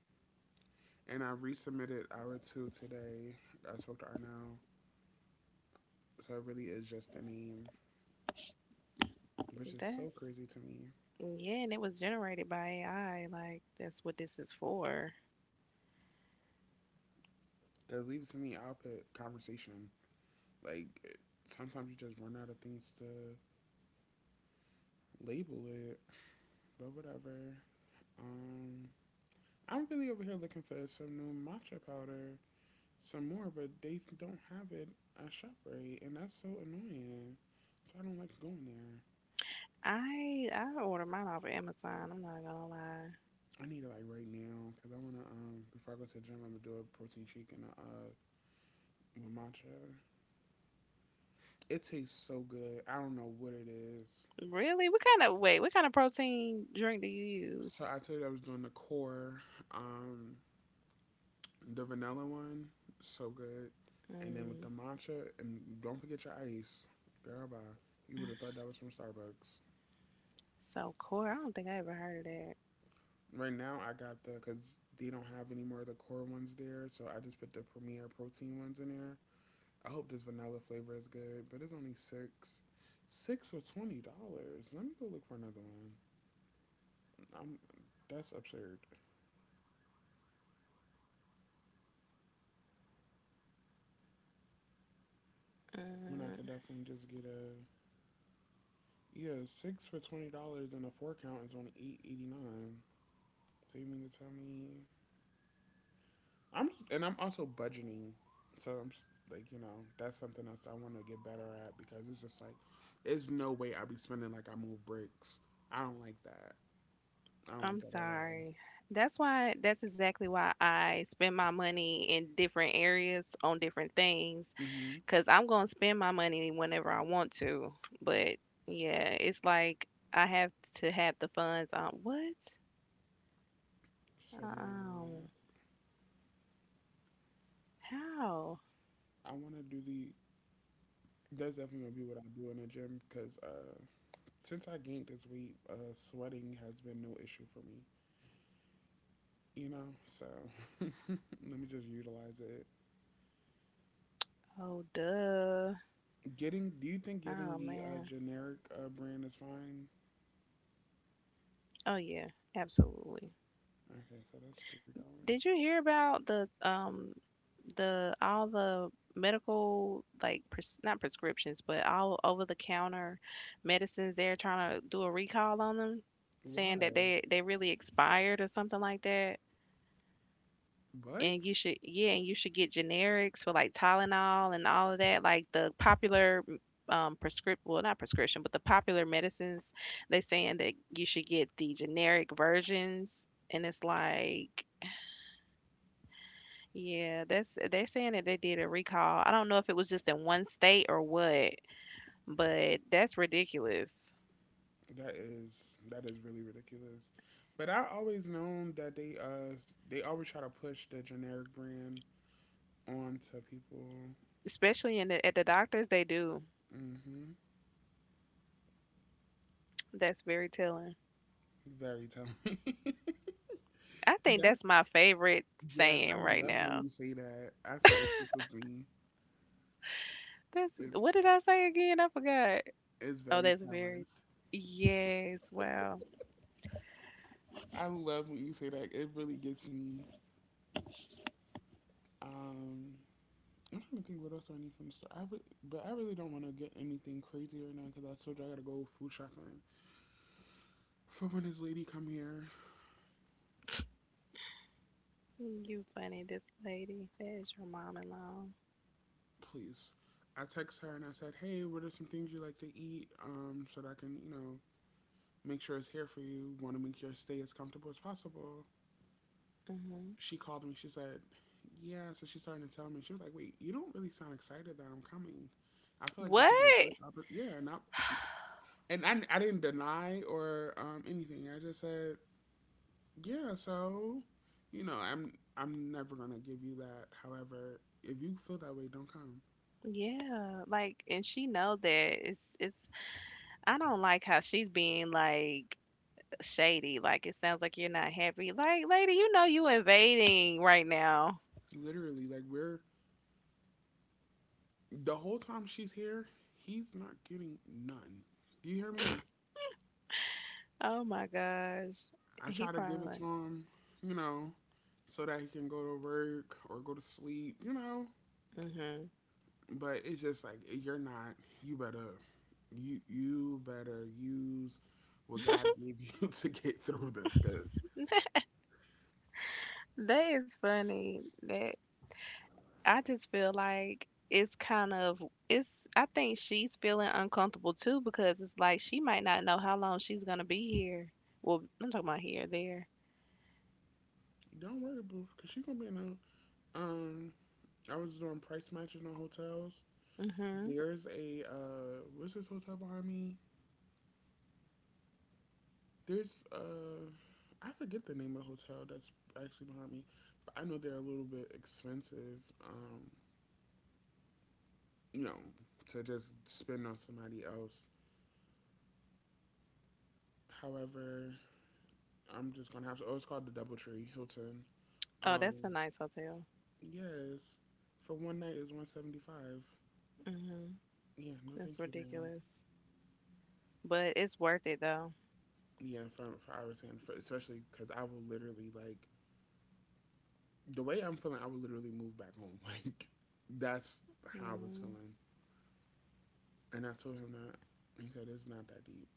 A: and I resubmitted hour two today. I spoke to Arnell, so it really is just a name, which is
B: That,
A: so crazy to me.
B: yeah, and it was generated by AI. Like that's what this is for.
A: Cause leave it to me, I'll put conversation. Like it- sometimes you just run out of things to label it, but whatever. Um, I'm really over here looking for some new matcha powder, some more, but they don't have it at ShopRite, and that's so annoying. So I don't like going there.
B: I order mine off of Amazon. I'm not gonna lie.
A: I need it like right now because I want to. Before I go to the gym, I'm gonna do a protein shake and a with matcha. It tastes so good. I don't know what it is.
B: Really? What kind of wait? What kind of protein drink do you
A: So
B: use?
A: I told you I was doing the core, um, the vanilla one, so good, and then with
B: Mm,
A: the matcha, and don't forget your ice, girl. Bye. You would have thought that was from Starbucks.
B: so core. I don't think I ever heard of that.
A: Right now, I got the because they don't have any more of the core ones there, so I just put the Premier protein ones in there. I hope this vanilla flavor is good, but it's only six for $20. Let me go look for another one. I'm that's absurd. When I
B: Uh,
A: could definitely just get a, yeah, six for $20 and a four count is only 8.89. So you mean to tell me I'm also budgeting, so like you know that's something else I want to get better at because it's just like it's no way I'll be spending like I move bricks. I don't like that. I don't like
B: I'm
A: that at all.
B: sorry. That's why. That's exactly why I spend my money in different areas on different things.
A: Mm-hmm.
B: Cause I'm gonna spend my money whenever I want to. But yeah, it's like I have to have the funds on what?
A: Submarine
B: Um,
A: wear.
B: how?
A: I want to do the. That's definitely gonna be what I do in the gym because since I gained this weight, sweating has been no issue for me. You know, so let me just utilize it.
B: Oh, duh.
A: Getting? Do you think getting
B: Oh
A: the
B: man.
A: generic brand is fine?
B: Oh yeah. Absolutely.
A: Okay, so that's $3.
B: Did you hear about the all the medical like pres not prescriptions, but all over the counter medicines they're trying to do a recall on them, saying that
A: Why?
B: they really expired or something like that. And
A: What?
B: you should yeah, and you should get generics for like Tylenol and all of that, like the popular prescript well not prescription, but the popular medicines, they saying that you should get the generic versions and it's like yeah, that's they're saying that they did a recall. I don't know if it was just in one state or what, but that's ridiculous.
A: That is really ridiculous. But I always known that they always try to push the generic brand onto people.
B: Especially in the at the doctors they do.
A: Mm-hmm.
B: That's very telling.
A: Very telling.
B: I think that's
A: That's
B: my favorite
A: yes,
B: saying
A: I
B: right
A: love when
B: now.
A: you say that. I swear it tickles me.
B: That's
A: It
B: what did I say again? I forgot.
A: is
B: Oh,
A: very
B: that's
A: telling.
B: very yes, wow.
A: I love when you say that. It really gets me. Um I'm trying to think what else I need from the store. But I really don't want to get anything crazy right now because I told you I gotta go food shopping. For when this lady come here,
B: You funny this lady. That is your mom-in-law.
A: please. I text her and I said, hey, what are some things you like to eat, so that I can, you know, make sure it's here for you. Want to make your stay as comfortable as possible.
B: Hmm.
A: She called me. She said, yeah. So she started to tell me. She was like, wait, you don't really sound excited that I'm coming. I feel like this
B: What?
A: would be a great opportunity. Yeah, and I didn't deny or anything. I just said, yeah, so you know, I'm never gonna give you that. However, if you feel that way, don't come.
B: Yeah, like and she know that it's I don't like how she's being like shady. Like it sounds like you're not happy. Like, lady, you know you invading right now.
A: Literally, like we're the whole time she's here, he's not getting none. Do you hear me?
B: Oh my gosh.
A: I
B: He
A: try to
B: probably
A: give it
B: like,
A: to him, you know, so that he can go to work or go to sleep, you know.
B: hmm.
A: But it's just like you're not. You better, you better use what God gave you to get through this, cause
B: That is funny. That I just feel like it's kind of it's I think she's feeling uncomfortable too because it's like she might not know how long she's gonna be here. Well, I'm talking about here, there.
A: don't worry, boo, cause she gonna be in a, I was doing price matching on hotels.
B: Hmm.
A: There's a, what's this hotel behind me? There's, I forget the name of the hotel that's actually behind me, but I know they're a little bit expensive. Um, you know, to just spend on somebody else. However, I'm just gonna have to. Oh, it's called the DoubleTree Hilton.
B: Oh, that's a
A: Um,
B: nice hotel.
A: yes, for one night is 175.
B: Hmm.
A: Yeah, no,
B: That's
A: thank you, ma'am.
B: ridiculous. But it's worth it though.
A: Yeah, for hours and for, especially because I will literally like the way I'm feeling, I would literally move back home. Like that's how I was
B: Mm,
A: feeling, and I told him that. He said it's not that deep.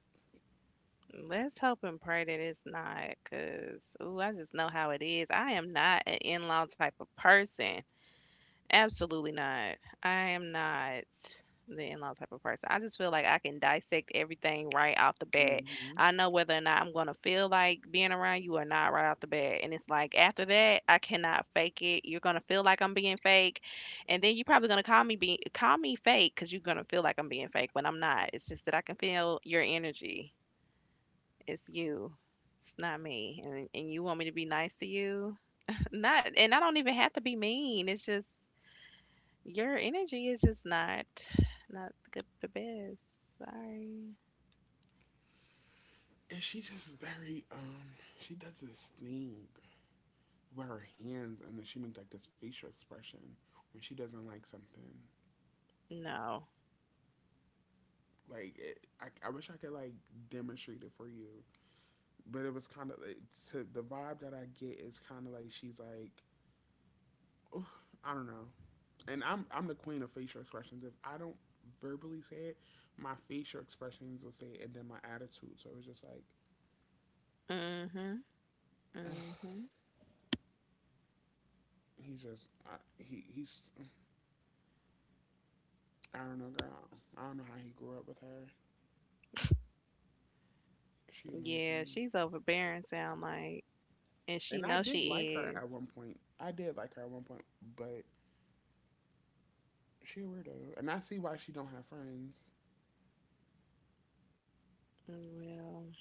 B: let's hope and pray that it's not, cause ooh, I just know how it is. I am not an in-law type of person. Absolutely not. I am not the in-law type of person. I just feel like I can dissect everything right off the bat.
A: Hmm
B: I know whether or not I'm gonna feel like being around you or not right off the bat. And it's like after that, I cannot fake it. You're gonna feel like I'm being fake, and then you're probably gonna call me fake because you're gonna feel like I'm being fake when I'm not. It's just that I can feel your energy. It's you. It's not me. And you want me to be nice to you? Not and I don't even have to be mean. It's just your energy is just not not good the best. Sorry.
A: And she just very she does this thing with her hands, and then she makes like this facial expression when she doesn't like something.
B: No.
A: Like it, I wish I could like demonstrate it for you, but it was kind of like, to the vibe that I get is kind of like she's like, "Oof, I don't know. And I'm the queen of facial expressions. If I don't verbally say it, my facial expressions will say it, and then my attitude. So it's just like
B: Mhm.
A: ugh,
B: Mhm.
A: he he's I don't know, girl. I don't know how he grew up with her. She annoys
B: Yeah,
A: me,
B: she's overbearing sound like and
A: and
B: she
A: I
B: knows
A: did like her
B: she is.
A: at one point. I did like her at one point, but she a weirdo, and I see why she don't have friends.
B: Mm, well,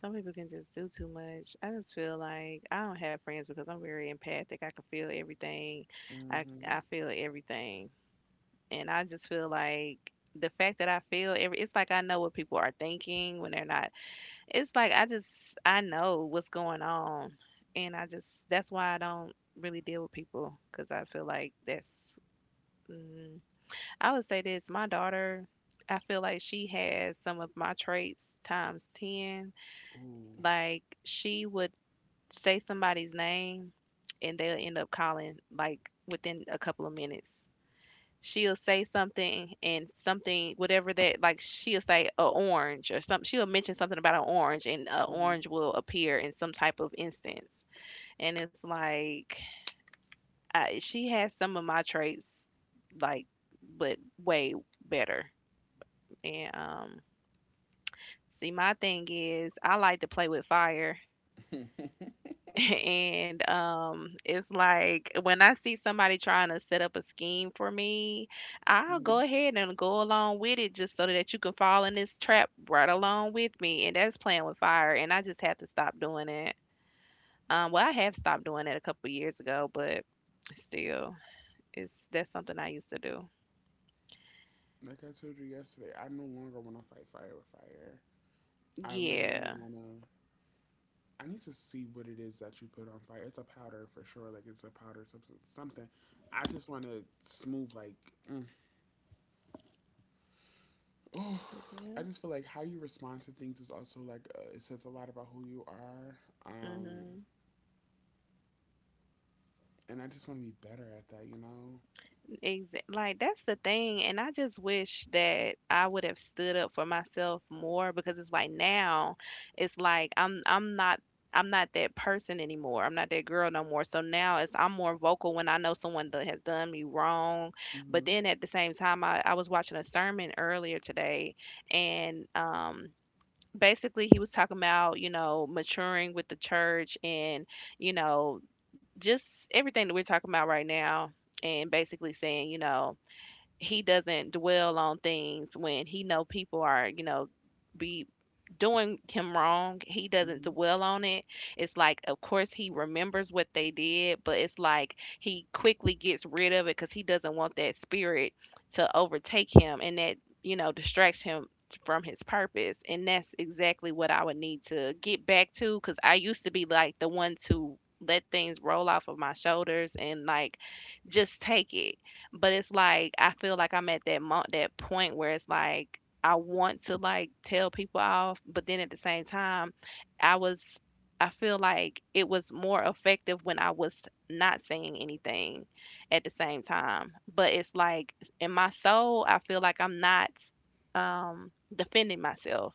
B: some people can just do too much. I just feel like I don't have friends because I'm very empathic. I can feel everything. I
A: Mm-hmm.
B: I feel everything. And I just feel like the fact that I feel every it's like I know what people are thinking when they're not. It's like I just I know what's going on, and I just that's why I don't really deal with people because I feel like that's. Mm, I would say this: my daughter, I feel like she has some of my traits times 10.
A: Ooh.
B: Like she would say somebody's name, and they'll end up calling like within a couple of minutes she'll say something and something whatever that like she'll say a orange or something she'll mention something about an orange and an
A: Mm-hmm.
B: orange will appear in some type of instance, and it's like I, she has some of my traits like but way better, and see my thing is I like to play with fire, and it's like when I see somebody trying to set up a scheme for me, I'll
A: Mm-hmm.
B: go ahead and go along with it just so that you can fall in this trap right along with me. And that's playing with fire. And I just have to stop doing it. Well, I have stopped doing it a couple years ago, but still, it's that's something I used to do.
A: Like I told you yesterday, I no longer want to fight fire with fire. I literally
B: Yeah.
A: want to I need to see what it is that you put on fire. It's a powder for sure. Like it's a powder substance, something. I just want to smooth like. Mm.
B: Yeah.
A: I just feel like how you respond to things is also it says a lot about who you are. Um,
B: Hmm.
A: and I just want to be better at that. You know.
B: Exa like, that's the thing, and I just wish that I would have stood up for myself more because it's like now it's like I'm not I'm not that person anymore. I'm not that girl no more. So now it's I'm more vocal when I know someone that has done me wrong. But
A: Mm-hmm.
B: then at the same time, I was watching a sermon earlier today, and basically he was talking about you know maturing with the church and you know just everything that we're talking about right now, and basically saying you know he doesn't dwell on things when he know people are you know be doing him wrong. He doesn't
A: Mm-hmm.
B: dwell on it. It's like, of course, he remembers what they did, but it's like he quickly gets rid of it because he doesn't want that spirit to overtake him and that, you know, distracts him from his purpose. And that's exactly what I would need to get back to because I used to be like the one to let things roll off of my shoulders and like just take it. But it's like I feel like I'm at that that point where it's like I want to like tell people off, but then at the same time, I was I feel like it was more effective when I was not saying anything at the same time. But it's like in my soul, I feel like I'm not defending myself.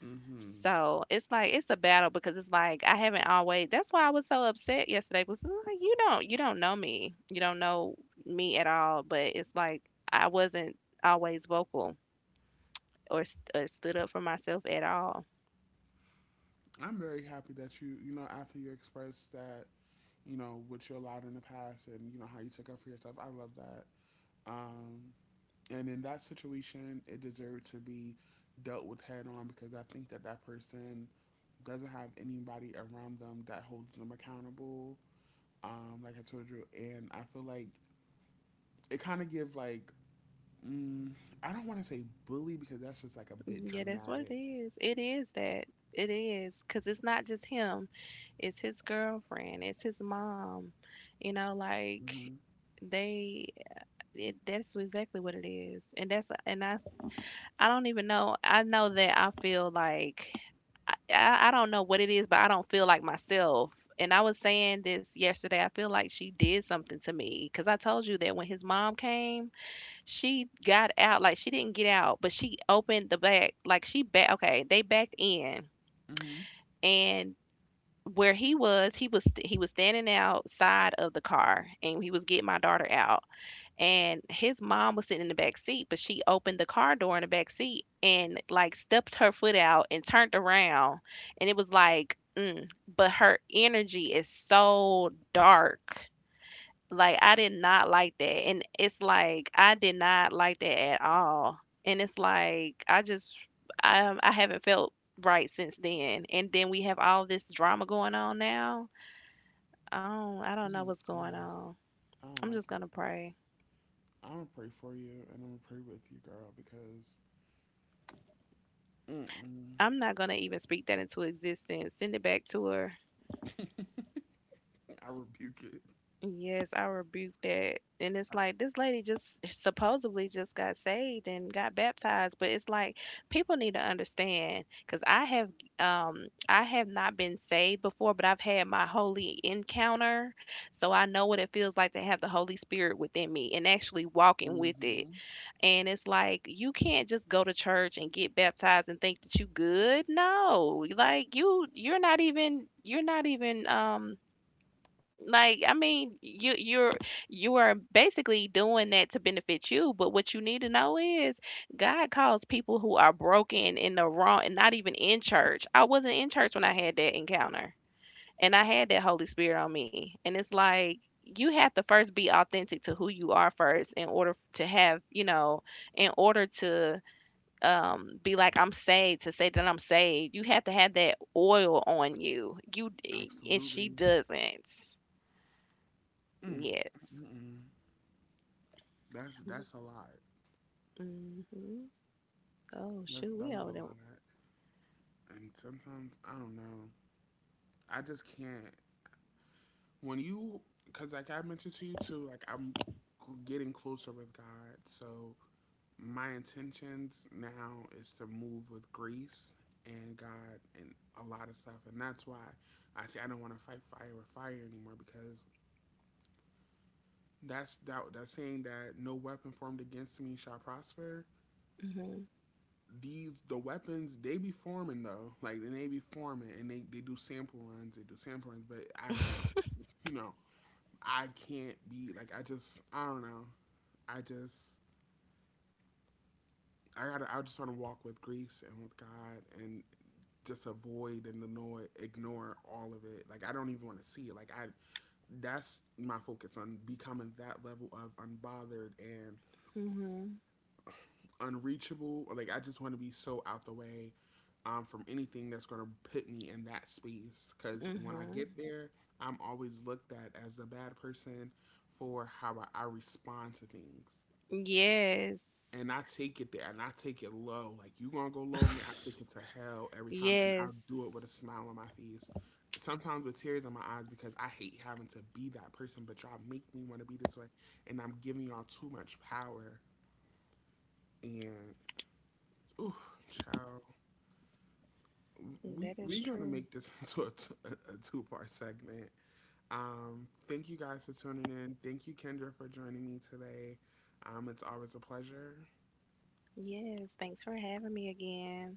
A: hmm
B: So it's like it's a battle because it's like I haven't always. That's why I was so upset yesterday. Was like you don't know me, you don't know me at all. But it's like I wasn't always vocal or stood up for myself at all.
A: I'm very happy that you know, after you expressed that, you know what you allowed in the past and you know how you took up for yourself. I love that. Um, And in that situation, it deserved to be dealt with head on because I think that that person doesn't have anybody around them that holds them accountable. Like I told you, and I feel like it kind of gives like mm, I don't want to say bully because that's just like a bit
B: Yeah, that's what it
A: dramatic.
B: is. It is that. It is. Because it's not just him, it's his girlfriend, it's his mom. You know, like
A: Hmm
B: they it, that's exactly what it is and that's and I don't even know I know that I feel like I don't know what it is but I don't feel like myself, and I was saying this yesterday I feel like she did something to me because I told you that when his mom came she got out, like, she didn't get out, but she opened the back, like, she back, okay, they backed in,
A: hmm
B: and where he was, he was standing outside of the car, and he was getting my daughter out, and his mom was sitting in the back seat, but she opened the car door in the back seat and like stepped her foot out and turned around, and it was like, but her energy is so dark. Like, I did not like that, and it's like I did not like that at all, and it's like I just I haven't felt right since then, and then we have all this drama going on now. I don't know
A: mm
B: what's going
A: No,
B: on.
A: I don't
B: I'm just
A: like it.
B: gonna pray.
A: I'm gonna pray for you and I'm gonna pray with you, girl, because
B: I'm not gonna even speak that into existence. Send it back to her.
A: mm-mm. I rebuke it.
B: Yes, I rebuke that. And it's like this lady just eh, supposedly just got saved and got baptized, but it's like people need to understand because I have not been saved before, but I've had my holy encounter, so I know what it feels like to have the Holy Spirit within me and actually walking with it.
A: Mm-hmm.
B: And it's like you can't just go to church and get baptized and think that you good. No, like you you're not even like I mean you you're you are basically doing that to benefit you but what you need to know is God calls people who are broken in the wrong and not even in church I wasn't in church when I had that encounter and I had that Holy Spirit on me and it's like you have to first be authentic to who you are first in order to have you know in order to be like I'm saved to say that I'm saved you have to have that oil on you you eh, and she
A: Absolutely.
B: doesn't.
A: Mm,
B: Yes.
A: mm-mm. That's a lot.
B: Mm-hmm. Oh shoot,
A: That
B: we
A: was
B: over
A: a
B: there.
A: lot. And sometimes I don't know. I just can't. When you, because like I mentioned to you too, like getting closer with God. So my intentions now is to move with grace and God and a lot of stuff. And that's why I say I don't want to fight fire with fire anymore because that saying that no weapon formed against me shall prosper,
B: Mm-hmm.
A: these the weapons they be forming though, like then they be forming and they do sample runs, they do sample runs, but I don't, you know, I can't be like I just I don't know I just I just want to walk with grace and with god and just ignore all of it, like I don't even want to see it, like I that's my focus, on becoming that level of unbothered and
B: Mm-hmm.
A: unreachable, or like I just want to be so out the way, from anything that's going to put me in that space. Because when I
B: Mm-hmm.
A: get there, I'm always looked at as the bad person for how I respond to things.
B: Yes.
A: And I take it there and I take it low. Like, you going to go low on me, I take it to hell every time. And I'll
B: Yes.
A: do it with a smile on my face. Sometimes with tears in my eyes because I hate having to be that person, but y'all make me want to be this way. And I'm giving y'all too much power. And, ooh, child.
B: That
A: We
B: is
A: we're gonna
B: true.
A: make this into a two-part segment. Thank you guys for tuning in. Thank you, Kendra, for joining me today. It's always a pleasure.
B: Yes. Thanks for having me again.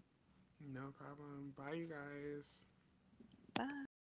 A: No problem. Bye, you guys.
B: Bye.